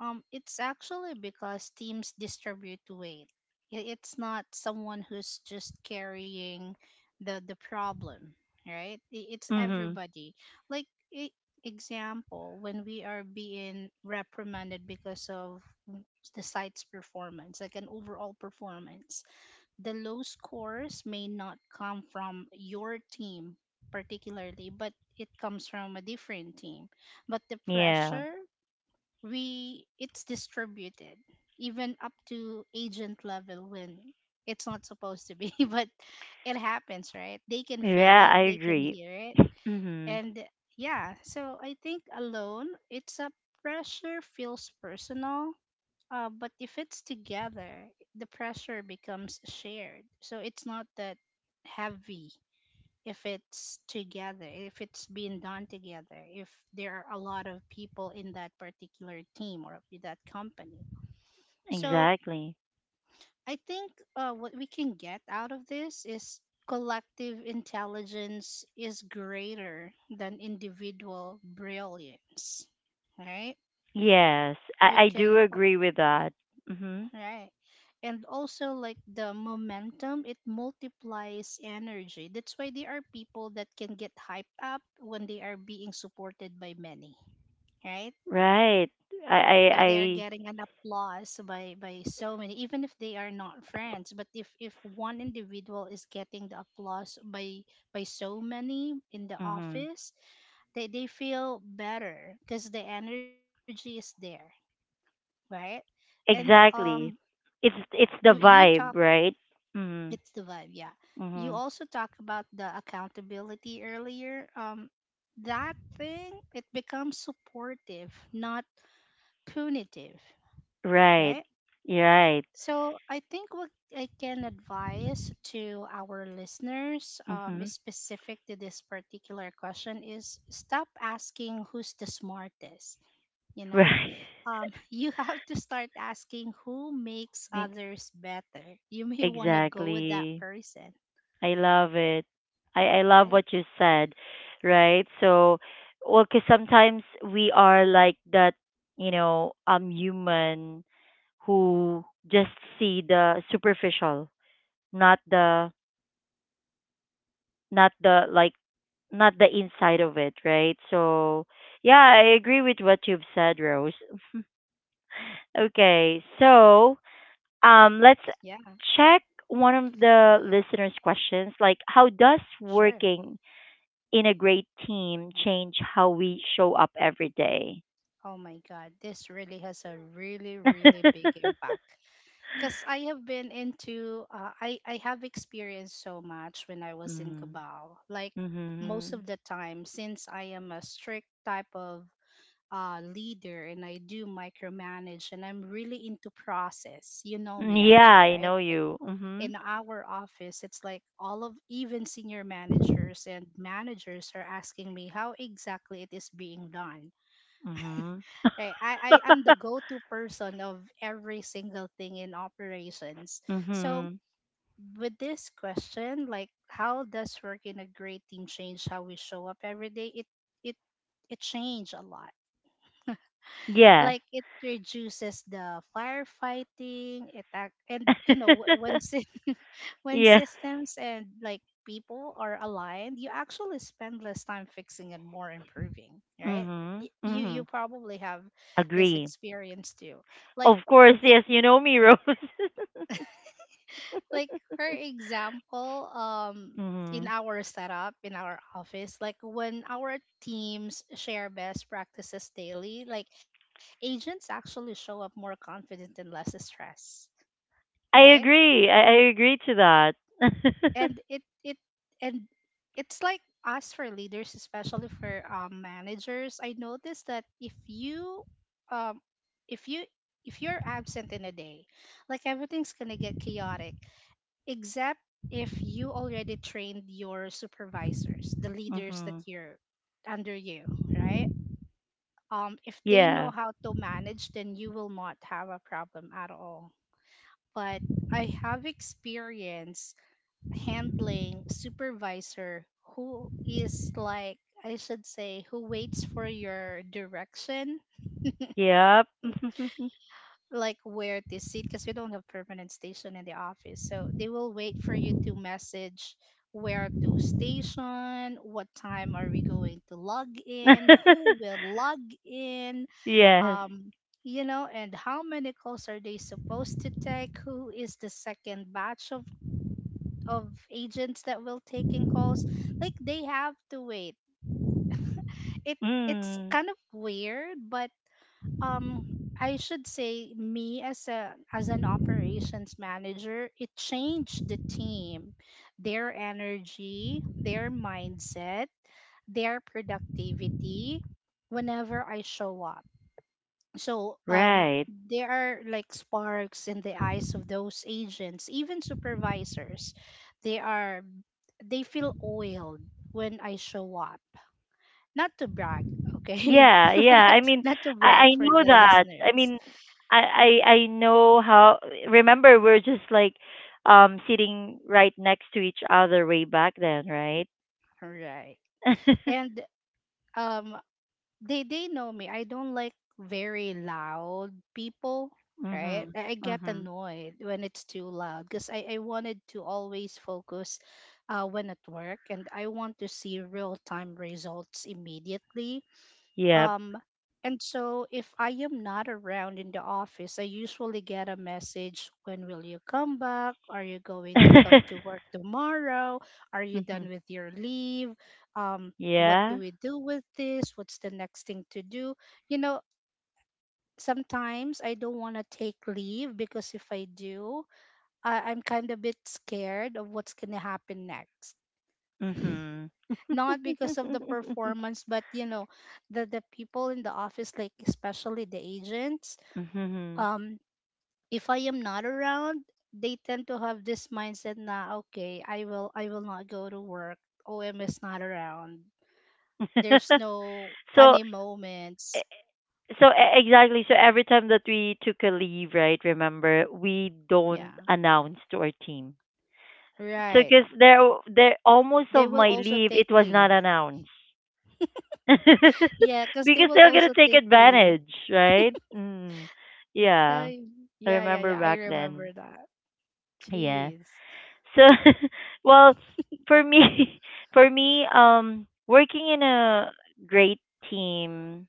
Speaker 2: Um, it's actually because teams distribute weight. I- It's not someone who's just carrying the the problem, right? I- It's
Speaker 1: Mhm.
Speaker 2: everybody. Like e- example, when we are being reprimanded because of the site's performance, like an overall performance. The low scores may not come from your team particularly, but it comes from a different team. But the
Speaker 1: Yeah.
Speaker 2: pressure, we it's distributed even up to agent level when it's not supposed to be, <laughs> but it happens, right? They can feel
Speaker 1: Yeah,
Speaker 2: it,
Speaker 1: I
Speaker 2: they can
Speaker 1: agree.
Speaker 2: hear it.
Speaker 1: Mhm.
Speaker 2: And yeah, so I think alone, it's a pressure feels personal, uh, but if it's together, the pressure becomes shared. So it's not that heavy if it's together, if it's being done together, if there are a lot of people in that particular team or in that company. So
Speaker 1: Exactly.
Speaker 2: I think uh, what we can get out of this is collective intelligence is greater than individual brilliance, right?
Speaker 1: Yes,
Speaker 2: We
Speaker 1: I I
Speaker 2: can
Speaker 1: do agree with that. Mhm.
Speaker 2: right. And also like the momentum, it multiplies energy. That's why there are people that can get hyped up when they are being supported by many, right?
Speaker 1: Right. I I
Speaker 2: If they are
Speaker 1: I.
Speaker 2: getting an applause by by so many, even if they are not friends, but if if one individual is getting the applause by by so many in the
Speaker 1: Mhm.
Speaker 2: office, they they feel better because the energy is there, right? And um
Speaker 1: Exactly. It's
Speaker 2: you
Speaker 1: it's the
Speaker 2: you talk.
Speaker 1: vibe, right?
Speaker 2: It's
Speaker 1: Mhm.
Speaker 2: the vibe, yeah. You
Speaker 1: Mhm.
Speaker 2: also talk about the accountability earlier. Um, that thing it becomes supportive, not punitive,
Speaker 1: Right.
Speaker 2: right?
Speaker 1: You're right.
Speaker 2: So I think what I can advise to our listeners, um, is
Speaker 1: Mhm.
Speaker 2: specific to this particular question, is stop asking who's the smartest. You
Speaker 1: <laughs>
Speaker 2: know,
Speaker 1: Right.
Speaker 2: um, <laughs> you have to start asking who makes
Speaker 1: Make-
Speaker 2: others better. You may want to go with that
Speaker 1: Exactly.
Speaker 2: person,
Speaker 1: I love it. I I love
Speaker 2: right?
Speaker 1: what you said, right? So, well, cuz sometimes we are like that, you know, um human who just see the superficial, not the not the like not the inside of it, right? So yeah, I agree with what you've said, Rose. Okay, so um, let's
Speaker 2: Yeah,
Speaker 1: check one of the listeners' questions. Like, how does
Speaker 2: sure.
Speaker 1: working in a great team change how we show up every day?
Speaker 2: Oh my God, this really has a really, really big
Speaker 1: <laughs>
Speaker 2: impact. Because I have been into, uh, I, I have experienced so much when I was in
Speaker 1: Mm.
Speaker 2: Cabal. Like most
Speaker 1: Mm-hmm.
Speaker 2: of the time, since I am a strict type of uh, leader and I do micromanage and I'm really into process. You know me,
Speaker 1: Yeah,
Speaker 2: M J,
Speaker 1: I
Speaker 2: right?
Speaker 1: know
Speaker 2: Like
Speaker 1: you. Mm-hmm.
Speaker 2: in our office, it's like all of even senior managers and managers are asking me how exactly it is being done.
Speaker 1: Mm-hmm.
Speaker 2: Right. I, I am the go-to person of every single thing in operations.
Speaker 1: <laughs>
Speaker 2: So
Speaker 1: Mm-hmm.
Speaker 2: with this question, like how does work in a great team change how we show up every day? It it it changed a lot,
Speaker 1: Yeah.
Speaker 2: like it reduces the firefighting attack, and you know wh- when
Speaker 1: <laughs>
Speaker 2: sy- <laughs> when
Speaker 1: Yeah.
Speaker 2: systems and like people are aligned, you actually spend less time fixing and more improving, right? Y-
Speaker 1: Mm-hmm.
Speaker 2: you
Speaker 1: Mm-hmm.
Speaker 2: you probably have this
Speaker 1: Agree.
Speaker 2: experience too, like
Speaker 1: Of course,
Speaker 2: it,
Speaker 1: yes, you know me, Rose. <laughs>
Speaker 2: like her example. Um in
Speaker 1: Mm-hmm.
Speaker 2: our setup in our office, like when our teams share best practices daily, like agents actually show up more confident and less stressed, right?
Speaker 1: I agree. I, I agree to that. <laughs>
Speaker 2: And it it and it's like us for leaders, especially for um, managers. I noticed that if you um if you if you're absent in a day, like everything's gonna get chaotic, except if you already trained your supervisors, the leaders that
Speaker 1: Mm-hmm.
Speaker 2: you're under you, right? Um, if they know
Speaker 1: Yeah.
Speaker 2: how to manage, then you will not have a problem at all. But I have experience handling supervisor who is like, I should say, who waits for your direction,
Speaker 1: Yep. <laughs>
Speaker 2: like where to sit because we don't have permanent station in the office. So they will wait for you to message where to station, what time are we going to log in, who will log in,
Speaker 1: Yes.
Speaker 2: um, you know, and how many calls are they supposed to take, who is the second batch of of agents that will taking calls. Like they have to wait it. It's
Speaker 1: Mm.
Speaker 2: kind of weird, but um I should say me as a as an operations manager, it changed the team, their energy, their mindset, their productivity whenever I show up. So um
Speaker 1: Right.
Speaker 2: there are like sparks in the eyes of those agents, even supervisors. They are they feel oiled when I show up. Not to brag, okay?
Speaker 1: Yeah, yeah.
Speaker 2: <laughs> not,
Speaker 1: I mean,
Speaker 2: not to
Speaker 1: I, I
Speaker 2: brag for
Speaker 1: know
Speaker 2: the
Speaker 1: that. I
Speaker 2: listeners.
Speaker 1: mean, I, I I know how. Remember, we're just like um sitting right next to each other way back then, right?
Speaker 2: Right.
Speaker 1: <laughs>
Speaker 2: And um they they know me. I don't like very loud people, right? I, I get
Speaker 1: Mm-hmm.
Speaker 2: annoyed when it's too loud because I, I wanted to always focus uh when at work and I want to see real time results immediately.
Speaker 1: Yep.
Speaker 2: Um, and so if I am not around in the office, I usually get a message, when will you come back? Are you going to come to
Speaker 1: <laughs>
Speaker 2: work tomorrow? Are you
Speaker 1: Mhm.
Speaker 2: done with your leave? Um, what do
Speaker 1: Yeah.
Speaker 2: we do with this? What's the next thing to do? You know, sometimes I don't want to take leave because if I do, I, I'm kind of a bit scared of what's going to happen next,
Speaker 1: Mhm.
Speaker 2: not because of the performance, but you know the the people in the office, like especially the agents.
Speaker 1: Mhm.
Speaker 2: um if I am not around, they tend to have this mindset na okay I will I will not go to work. Om is not around. There's
Speaker 1: <laughs> <laughs>
Speaker 2: no
Speaker 1: so
Speaker 2: funny moments.
Speaker 1: e- so e- exactly so every time that we took a leave, right? Remember, we don't
Speaker 2: Yeah,
Speaker 1: announce to our team. So
Speaker 2: right,
Speaker 1: because there there almost
Speaker 2: they
Speaker 1: of
Speaker 2: will
Speaker 1: my
Speaker 2: also
Speaker 1: leave,
Speaker 2: take
Speaker 1: it was not
Speaker 2: leave.
Speaker 1: announced. <laughs>
Speaker 2: Yeah, because they
Speaker 1: Because
Speaker 2: will
Speaker 1: they're gonna
Speaker 2: also
Speaker 1: take
Speaker 2: take leave.
Speaker 1: advantage, right? Mm. Yeah.
Speaker 2: Okay.
Speaker 1: I
Speaker 2: Yeah, yeah,
Speaker 1: remember
Speaker 2: yeah, I
Speaker 1: back then.
Speaker 2: remember that.
Speaker 1: Yeah.
Speaker 2: Jeez.
Speaker 1: So, <laughs> well, for me, <laughs> for me, um, Working in a great team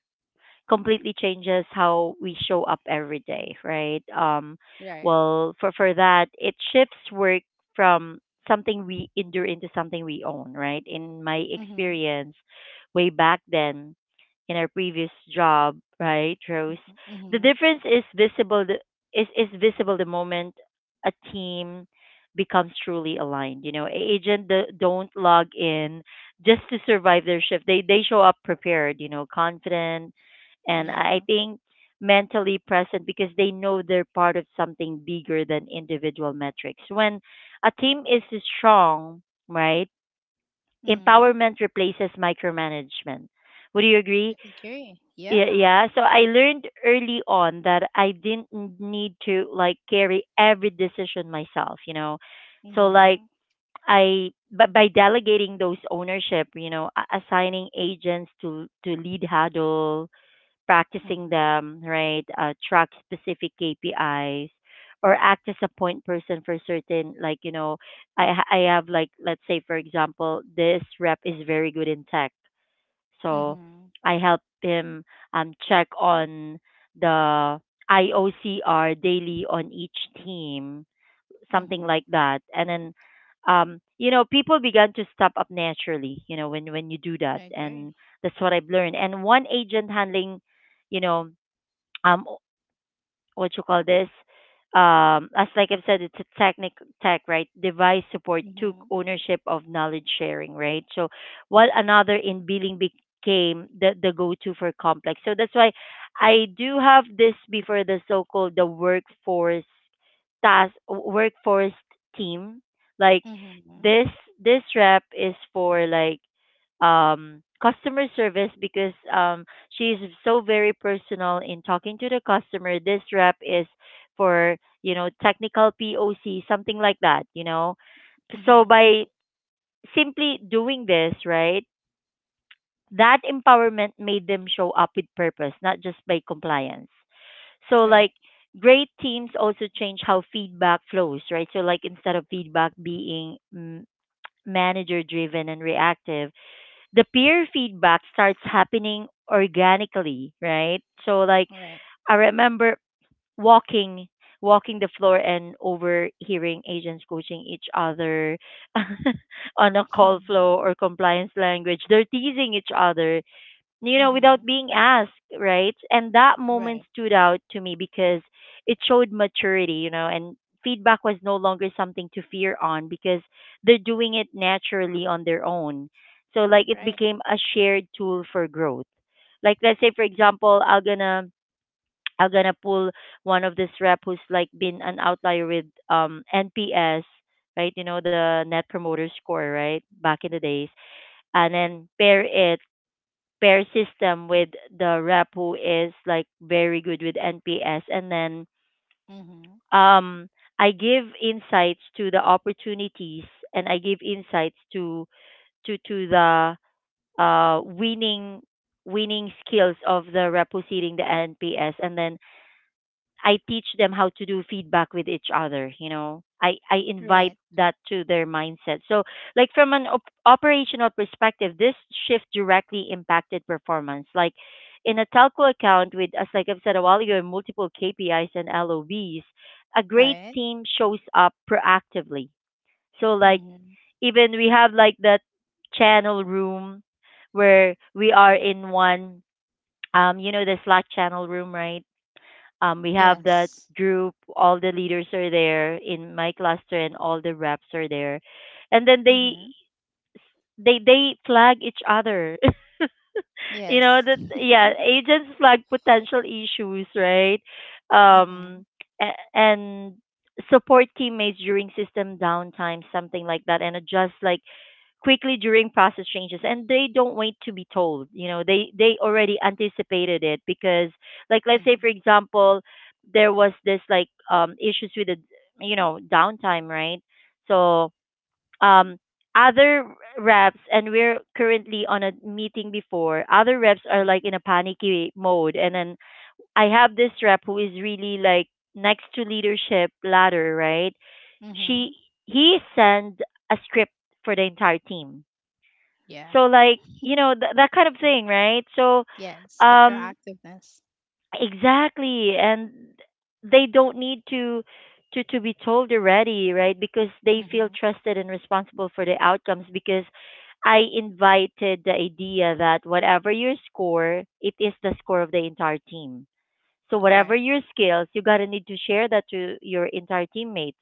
Speaker 1: completely changes how we show up every day, right? Um,
Speaker 2: Right.
Speaker 1: well, for for that, it shifts work from something we endure into something we own, right? In my
Speaker 2: Mm-hmm.
Speaker 1: experience, way back then, in our previous job, right, Rose,
Speaker 2: Mm-hmm.
Speaker 1: the
Speaker 2: Mm-hmm.
Speaker 1: difference is visible. The, is is visible the moment a team becomes truly aligned. You know, agent the don't log in just to survive their shift. They they show up prepared, you know, confident, and I
Speaker 2: Yeah.
Speaker 1: think mentally present because they know they're part of something bigger than individual metrics. When a team is strong, right,
Speaker 2: Mm-hmm.
Speaker 1: empowerment replaces micromanagement. Would you
Speaker 2: I
Speaker 1: agree?
Speaker 2: agree.
Speaker 1: Yeah,
Speaker 2: Yeah.
Speaker 1: yeah. So I learned early on that I didn't n- need to like carry every decision myself, you know. So like
Speaker 2: Mm-hmm.
Speaker 1: I but by delegating those ownership, you know, a- assigning agents to to lead huddle practicing
Speaker 2: Mm-hmm.
Speaker 1: them, right? Uh, track specific K P Is or act as a point person for certain, like, you know, I, ha- I have like, let's say, for example, this rep is very good in tech. So
Speaker 2: Mm-hmm.
Speaker 1: I help him um, check on the I O C R daily on each team, something
Speaker 2: Mm-hmm.
Speaker 1: like that. And then, um, you know, people began to step up naturally, you know, when, when you do that.
Speaker 2: I agree.
Speaker 1: And that's what I've learned. And one agent handling, you know, um, what you call this um, as like i've said, it's a technic tech, right, device support, took
Speaker 2: Mm-hmm.
Speaker 1: ownership of knowledge sharing, right? So while another in billing became the the go-to for complex. So that's why I do have this before, the so-called the workforce task, workforce team, like
Speaker 2: Mm-hmm.
Speaker 1: this this rep is for like um customer service because um she's so very personal in talking to the customer. This rep is for, you know, technical P O C, something like that, you know. So
Speaker 2: Mm-hmm.
Speaker 1: by simply doing this, right, that empowerment made them show up with purpose, not just by compliance. So
Speaker 2: Right.
Speaker 1: like great teams also change how feedback flows, right? So like instead of feedback being mm, manager driven and reactive, the peer feedback starts happening organically, right? So like
Speaker 2: Right.
Speaker 1: I remember walking walking the floor and overhearing agents coaching each other <laughs> on a
Speaker 2: <laughs>
Speaker 1: call
Speaker 2: Mm-hmm.
Speaker 1: flow or compliance language. They're teasing each other, you know, without
Speaker 2: Mm-hmm.
Speaker 1: being asked, right? And that moment
Speaker 2: Right.
Speaker 1: stood out to me because it showed maturity, you know, and feedback was no longer something to fear on because they're doing it naturally on their own. So like it
Speaker 2: Right.
Speaker 1: became a shared tool for growth. Like, let's say for example, I'm gonna I'm gonna pull one of this rep who's like been an outlier with um N P S, right? You know, the Net Promoter Score, right? Back in the days, and then pair it pair system with the rep who is like very good with N P S, and then
Speaker 2: Mm-hmm.
Speaker 1: um, I give insights to the opportunities, and I give insights to to to the uh winning winning skills of the rep who's hitting the N P S, and then I teach them how to do feedback with each other, you know. I, I
Speaker 2: Right.
Speaker 1: invite that to their mindset. So, like from an op- operational perspective, this shift directly impacted performance. Like in a telco account with, as like I've said a while ago, multiple K P Is and L O Bs, a great
Speaker 2: Right.
Speaker 1: team shows up proactively. So, like
Speaker 2: Mm-hmm.
Speaker 1: even we have like that channel room where we are in one, um, you know, the Slack channel room, right? Um, we
Speaker 2: Yes.
Speaker 1: have that group. All the leaders are there in my cluster, and all the reps are there. And then
Speaker 2: Mm-hmm.
Speaker 1: they they they flag each other. <laughs> You
Speaker 2: Yes.
Speaker 1: know that,
Speaker 2: <laughs>
Speaker 1: yeah, agents flag potential issues, right?
Speaker 2: Mm-hmm.
Speaker 1: Um, a- and support teammates during system downtime, something like that, and adjust like quickly during process changes, and they don't wait to be told. You know, they they already anticipated it because like, let's say
Speaker 2: Mm-hmm.
Speaker 1: for example, there was this like um issues with the, you know, downtime, right? So um, other reps, and we're currently on a meeting before, other reps are
Speaker 2: Mm-hmm.
Speaker 1: like in a panicky mode, and then I have this rep who is really like next to leadership ladder, right? she
Speaker 2: Mm-hmm.
Speaker 1: he sent a script for the entire team,
Speaker 2: Yeah.
Speaker 1: so like,
Speaker 2: <laughs>
Speaker 1: you know, th- that kind of thing, right? So
Speaker 2: Yes. The
Speaker 1: um
Speaker 2: proactiveness.
Speaker 1: exactly, and they don't need to to to be told already, right? Because they feel
Speaker 2: Mm-hmm.
Speaker 1: trusted and responsible for the outcomes because I invited the idea that whatever your score, it is the score of the entire team, so whatever
Speaker 2: Right.
Speaker 1: your skills, you gotta need to share that to your entire teammates.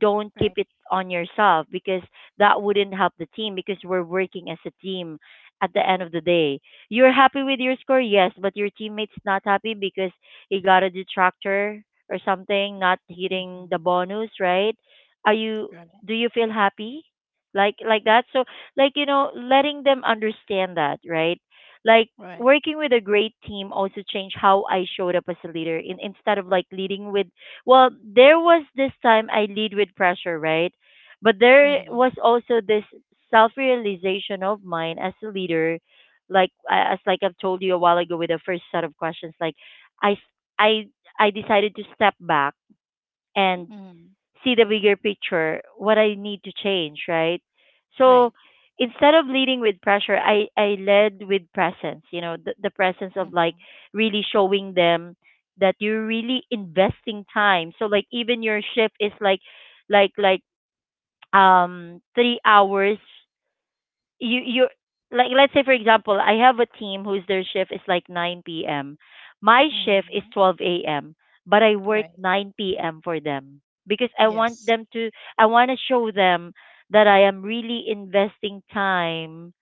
Speaker 1: Don't keep
Speaker 2: Right.
Speaker 1: it on yourself because that wouldn't help the team because we're working as a team at the end of the day. You're happy with your score, yes, but your teammates not happy because he got a detractor or something, not hitting
Speaker 2: Mm-hmm.
Speaker 1: the bonus, right? Are you,
Speaker 2: Right.
Speaker 1: do you feel happy? Like like that? So like you know, letting them understand that, right? Like
Speaker 2: Right.
Speaker 1: working with a great team also changed how I showed up as a leader. In, instead of like leading with, well, there was this time I lead with pressure, right? But there
Speaker 2: Mm-hmm.
Speaker 1: was also this self realization of mine as a leader, like I- as like I've told you a while ago with the first set of questions, like I I I decided to step back and
Speaker 2: Mm-hmm.
Speaker 1: see the bigger picture, what I need to change, right? So
Speaker 2: Right.
Speaker 1: instead of leading with pressure, I, I led with presence, you know, the, the presence of like
Speaker 2: Mm-hmm.
Speaker 1: really showing them that you're really investing time. So like even your shift is like like like um three hours, you you like, let's say for example, I have a team whose their shift is like nine p.m., my shift is
Speaker 2: Mm-hmm.
Speaker 1: twelve a.m., but I work
Speaker 2: Right.
Speaker 1: nine p.m. for them because I want
Speaker 2: Yes.
Speaker 1: them to, I want to show them that I am really investing time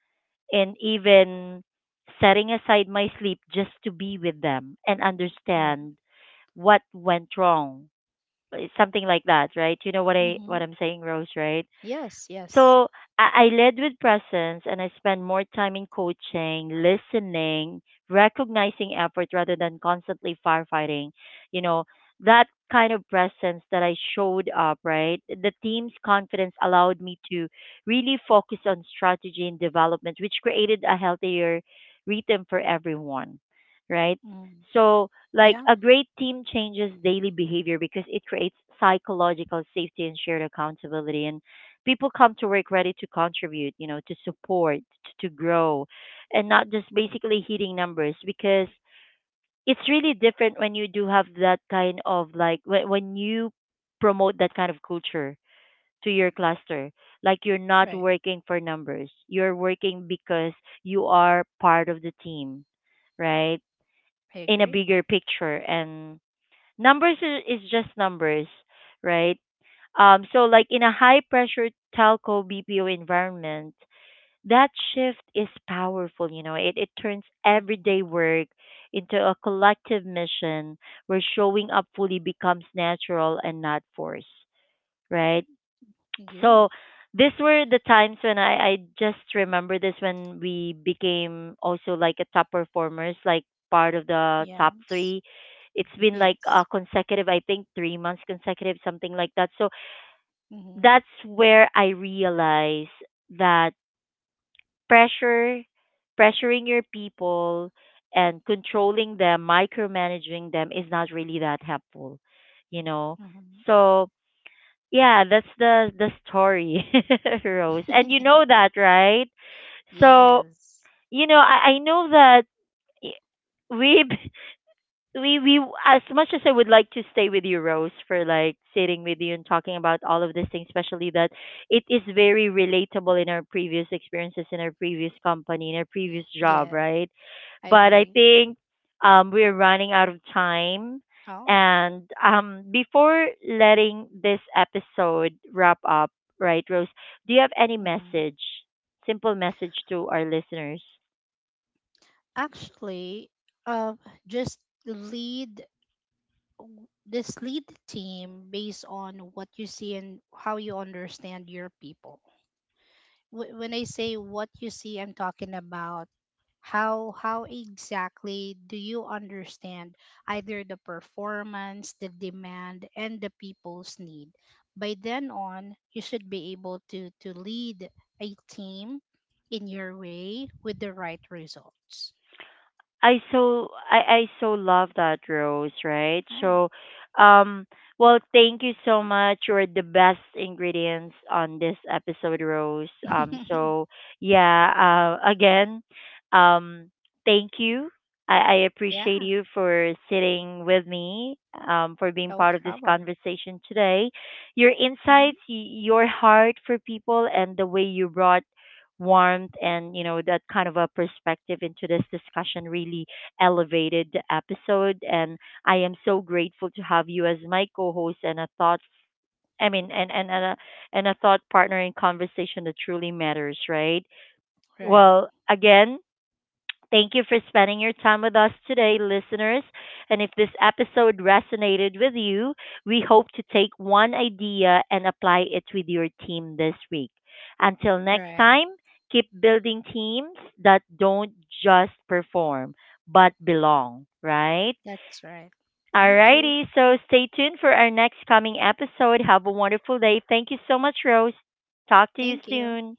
Speaker 1: in, even setting aside my sleep just to be with them and
Speaker 2: Right.
Speaker 1: understand what went wrong. It's something like that, right? You know what i
Speaker 2: Mm-hmm.
Speaker 1: what i'm saying, Rose, right?
Speaker 2: Yes. Yes.
Speaker 1: So I, I led with presence and I spend more time in coaching, listening, recognizing effort rather than constantly firefighting. You know, that kind of presence that I showed up, right? The team's confidence allowed me to really focus on strategy and development, which created a healthier rhythm for everyone, right?
Speaker 2: Mm.
Speaker 1: So, like
Speaker 2: Yeah.
Speaker 1: a great team changes daily behavior because it creates psychological safety and shared accountability. And people come to work ready to contribute, you know, to support, to, to grow, and not just basically hitting numbers because it's really different when you do have that kind of like when, when you promote that kind of culture to your cluster. Like you're not
Speaker 2: Right.
Speaker 1: working for numbers, you're working because you are part of the team, right?
Speaker 2: I
Speaker 1: In a
Speaker 2: agree.
Speaker 1: bigger picture, and numbers i- is just numbers, right? Um, so like in a high pressure telco B P O environment, that shift is powerful, you know, it, it turns
Speaker 2: Mm-hmm.
Speaker 1: everyday work into a collective mission where showing up fully becomes natural and not forced, right?
Speaker 2: Agree.
Speaker 1: So these were the times when I I just remember this, when we became also like a top performers, like part of the top
Speaker 2: Yes.
Speaker 1: three. It's been like
Speaker 2: Yes.
Speaker 1: a consecutive, I think, three months consecutive, something like that. So
Speaker 2: Mm-hmm.
Speaker 1: that's where I realized that pressure pressuring your people and controlling them, micromanaging them is not really that helpful, you know.
Speaker 2: Mm-hmm.
Speaker 1: So yeah, that's the the story, <laughs> Rose, and you know that, right?
Speaker 2: <laughs>
Speaker 1: So
Speaker 2: Yes.
Speaker 1: you know, I, I know that I- we've <laughs> we we as much as I would like to stay with you, Rose, for like sitting with you and talking about all of these things, especially that it is very relatable in our previous experiences, in our previous company, in our previous job,
Speaker 2: Yeah.
Speaker 1: right?
Speaker 2: I
Speaker 1: But I
Speaker 2: agree.
Speaker 1: think um we're running out of time.
Speaker 2: Oh.
Speaker 1: And um before letting this episode wrap up, right, Rose, do you have any
Speaker 2: Mm-hmm.
Speaker 1: message? Simple message to our listeners.
Speaker 2: Actually, uh, just lead w- this lead the team based on what you see and how you understand your people. Wh- when I say what you see, I'm talking about how how exactly do you understand either the performance, the demand, and the people's need. By then on, you should be able to to lead a team in your way with the right results.
Speaker 1: I so I I so love that, Rose, right?
Speaker 2: All right.
Speaker 1: So, um, well, thank you so much. You're the best ingredients on this episode, Rose. Um, so yeah, uh, again, um, thank you. I, I
Speaker 2: <laughs> Yeah,
Speaker 1: appreciate you for sitting with me, um, for
Speaker 2: no
Speaker 1: being part of this
Speaker 2: problem.
Speaker 1: conversation today. Your
Speaker 2: Hmm.
Speaker 1: insights, y- your heart for people, and the way you brought warmth and you know that kind of a perspective into this discussion really elevated the episode, and I am so grateful to have you as my co-host and a thought I mean and and, and a and a thought partner in conversation that truly matters, right?
Speaker 2: Right,
Speaker 1: Well, again, thank you for spending your time with us today, listeners. And if this episode resonated with you, we hope to take one idea and apply it with your team this week. Until next
Speaker 2: right.
Speaker 1: time, keep building teams that don't just perform, but belong, right?
Speaker 2: That's right. Thank you.
Speaker 1: Alrighty, so stay tuned for our next coming episode. Have a wonderful day. Thank you so much, Rose. Talk to you
Speaker 2: Thank you.
Speaker 1: soon.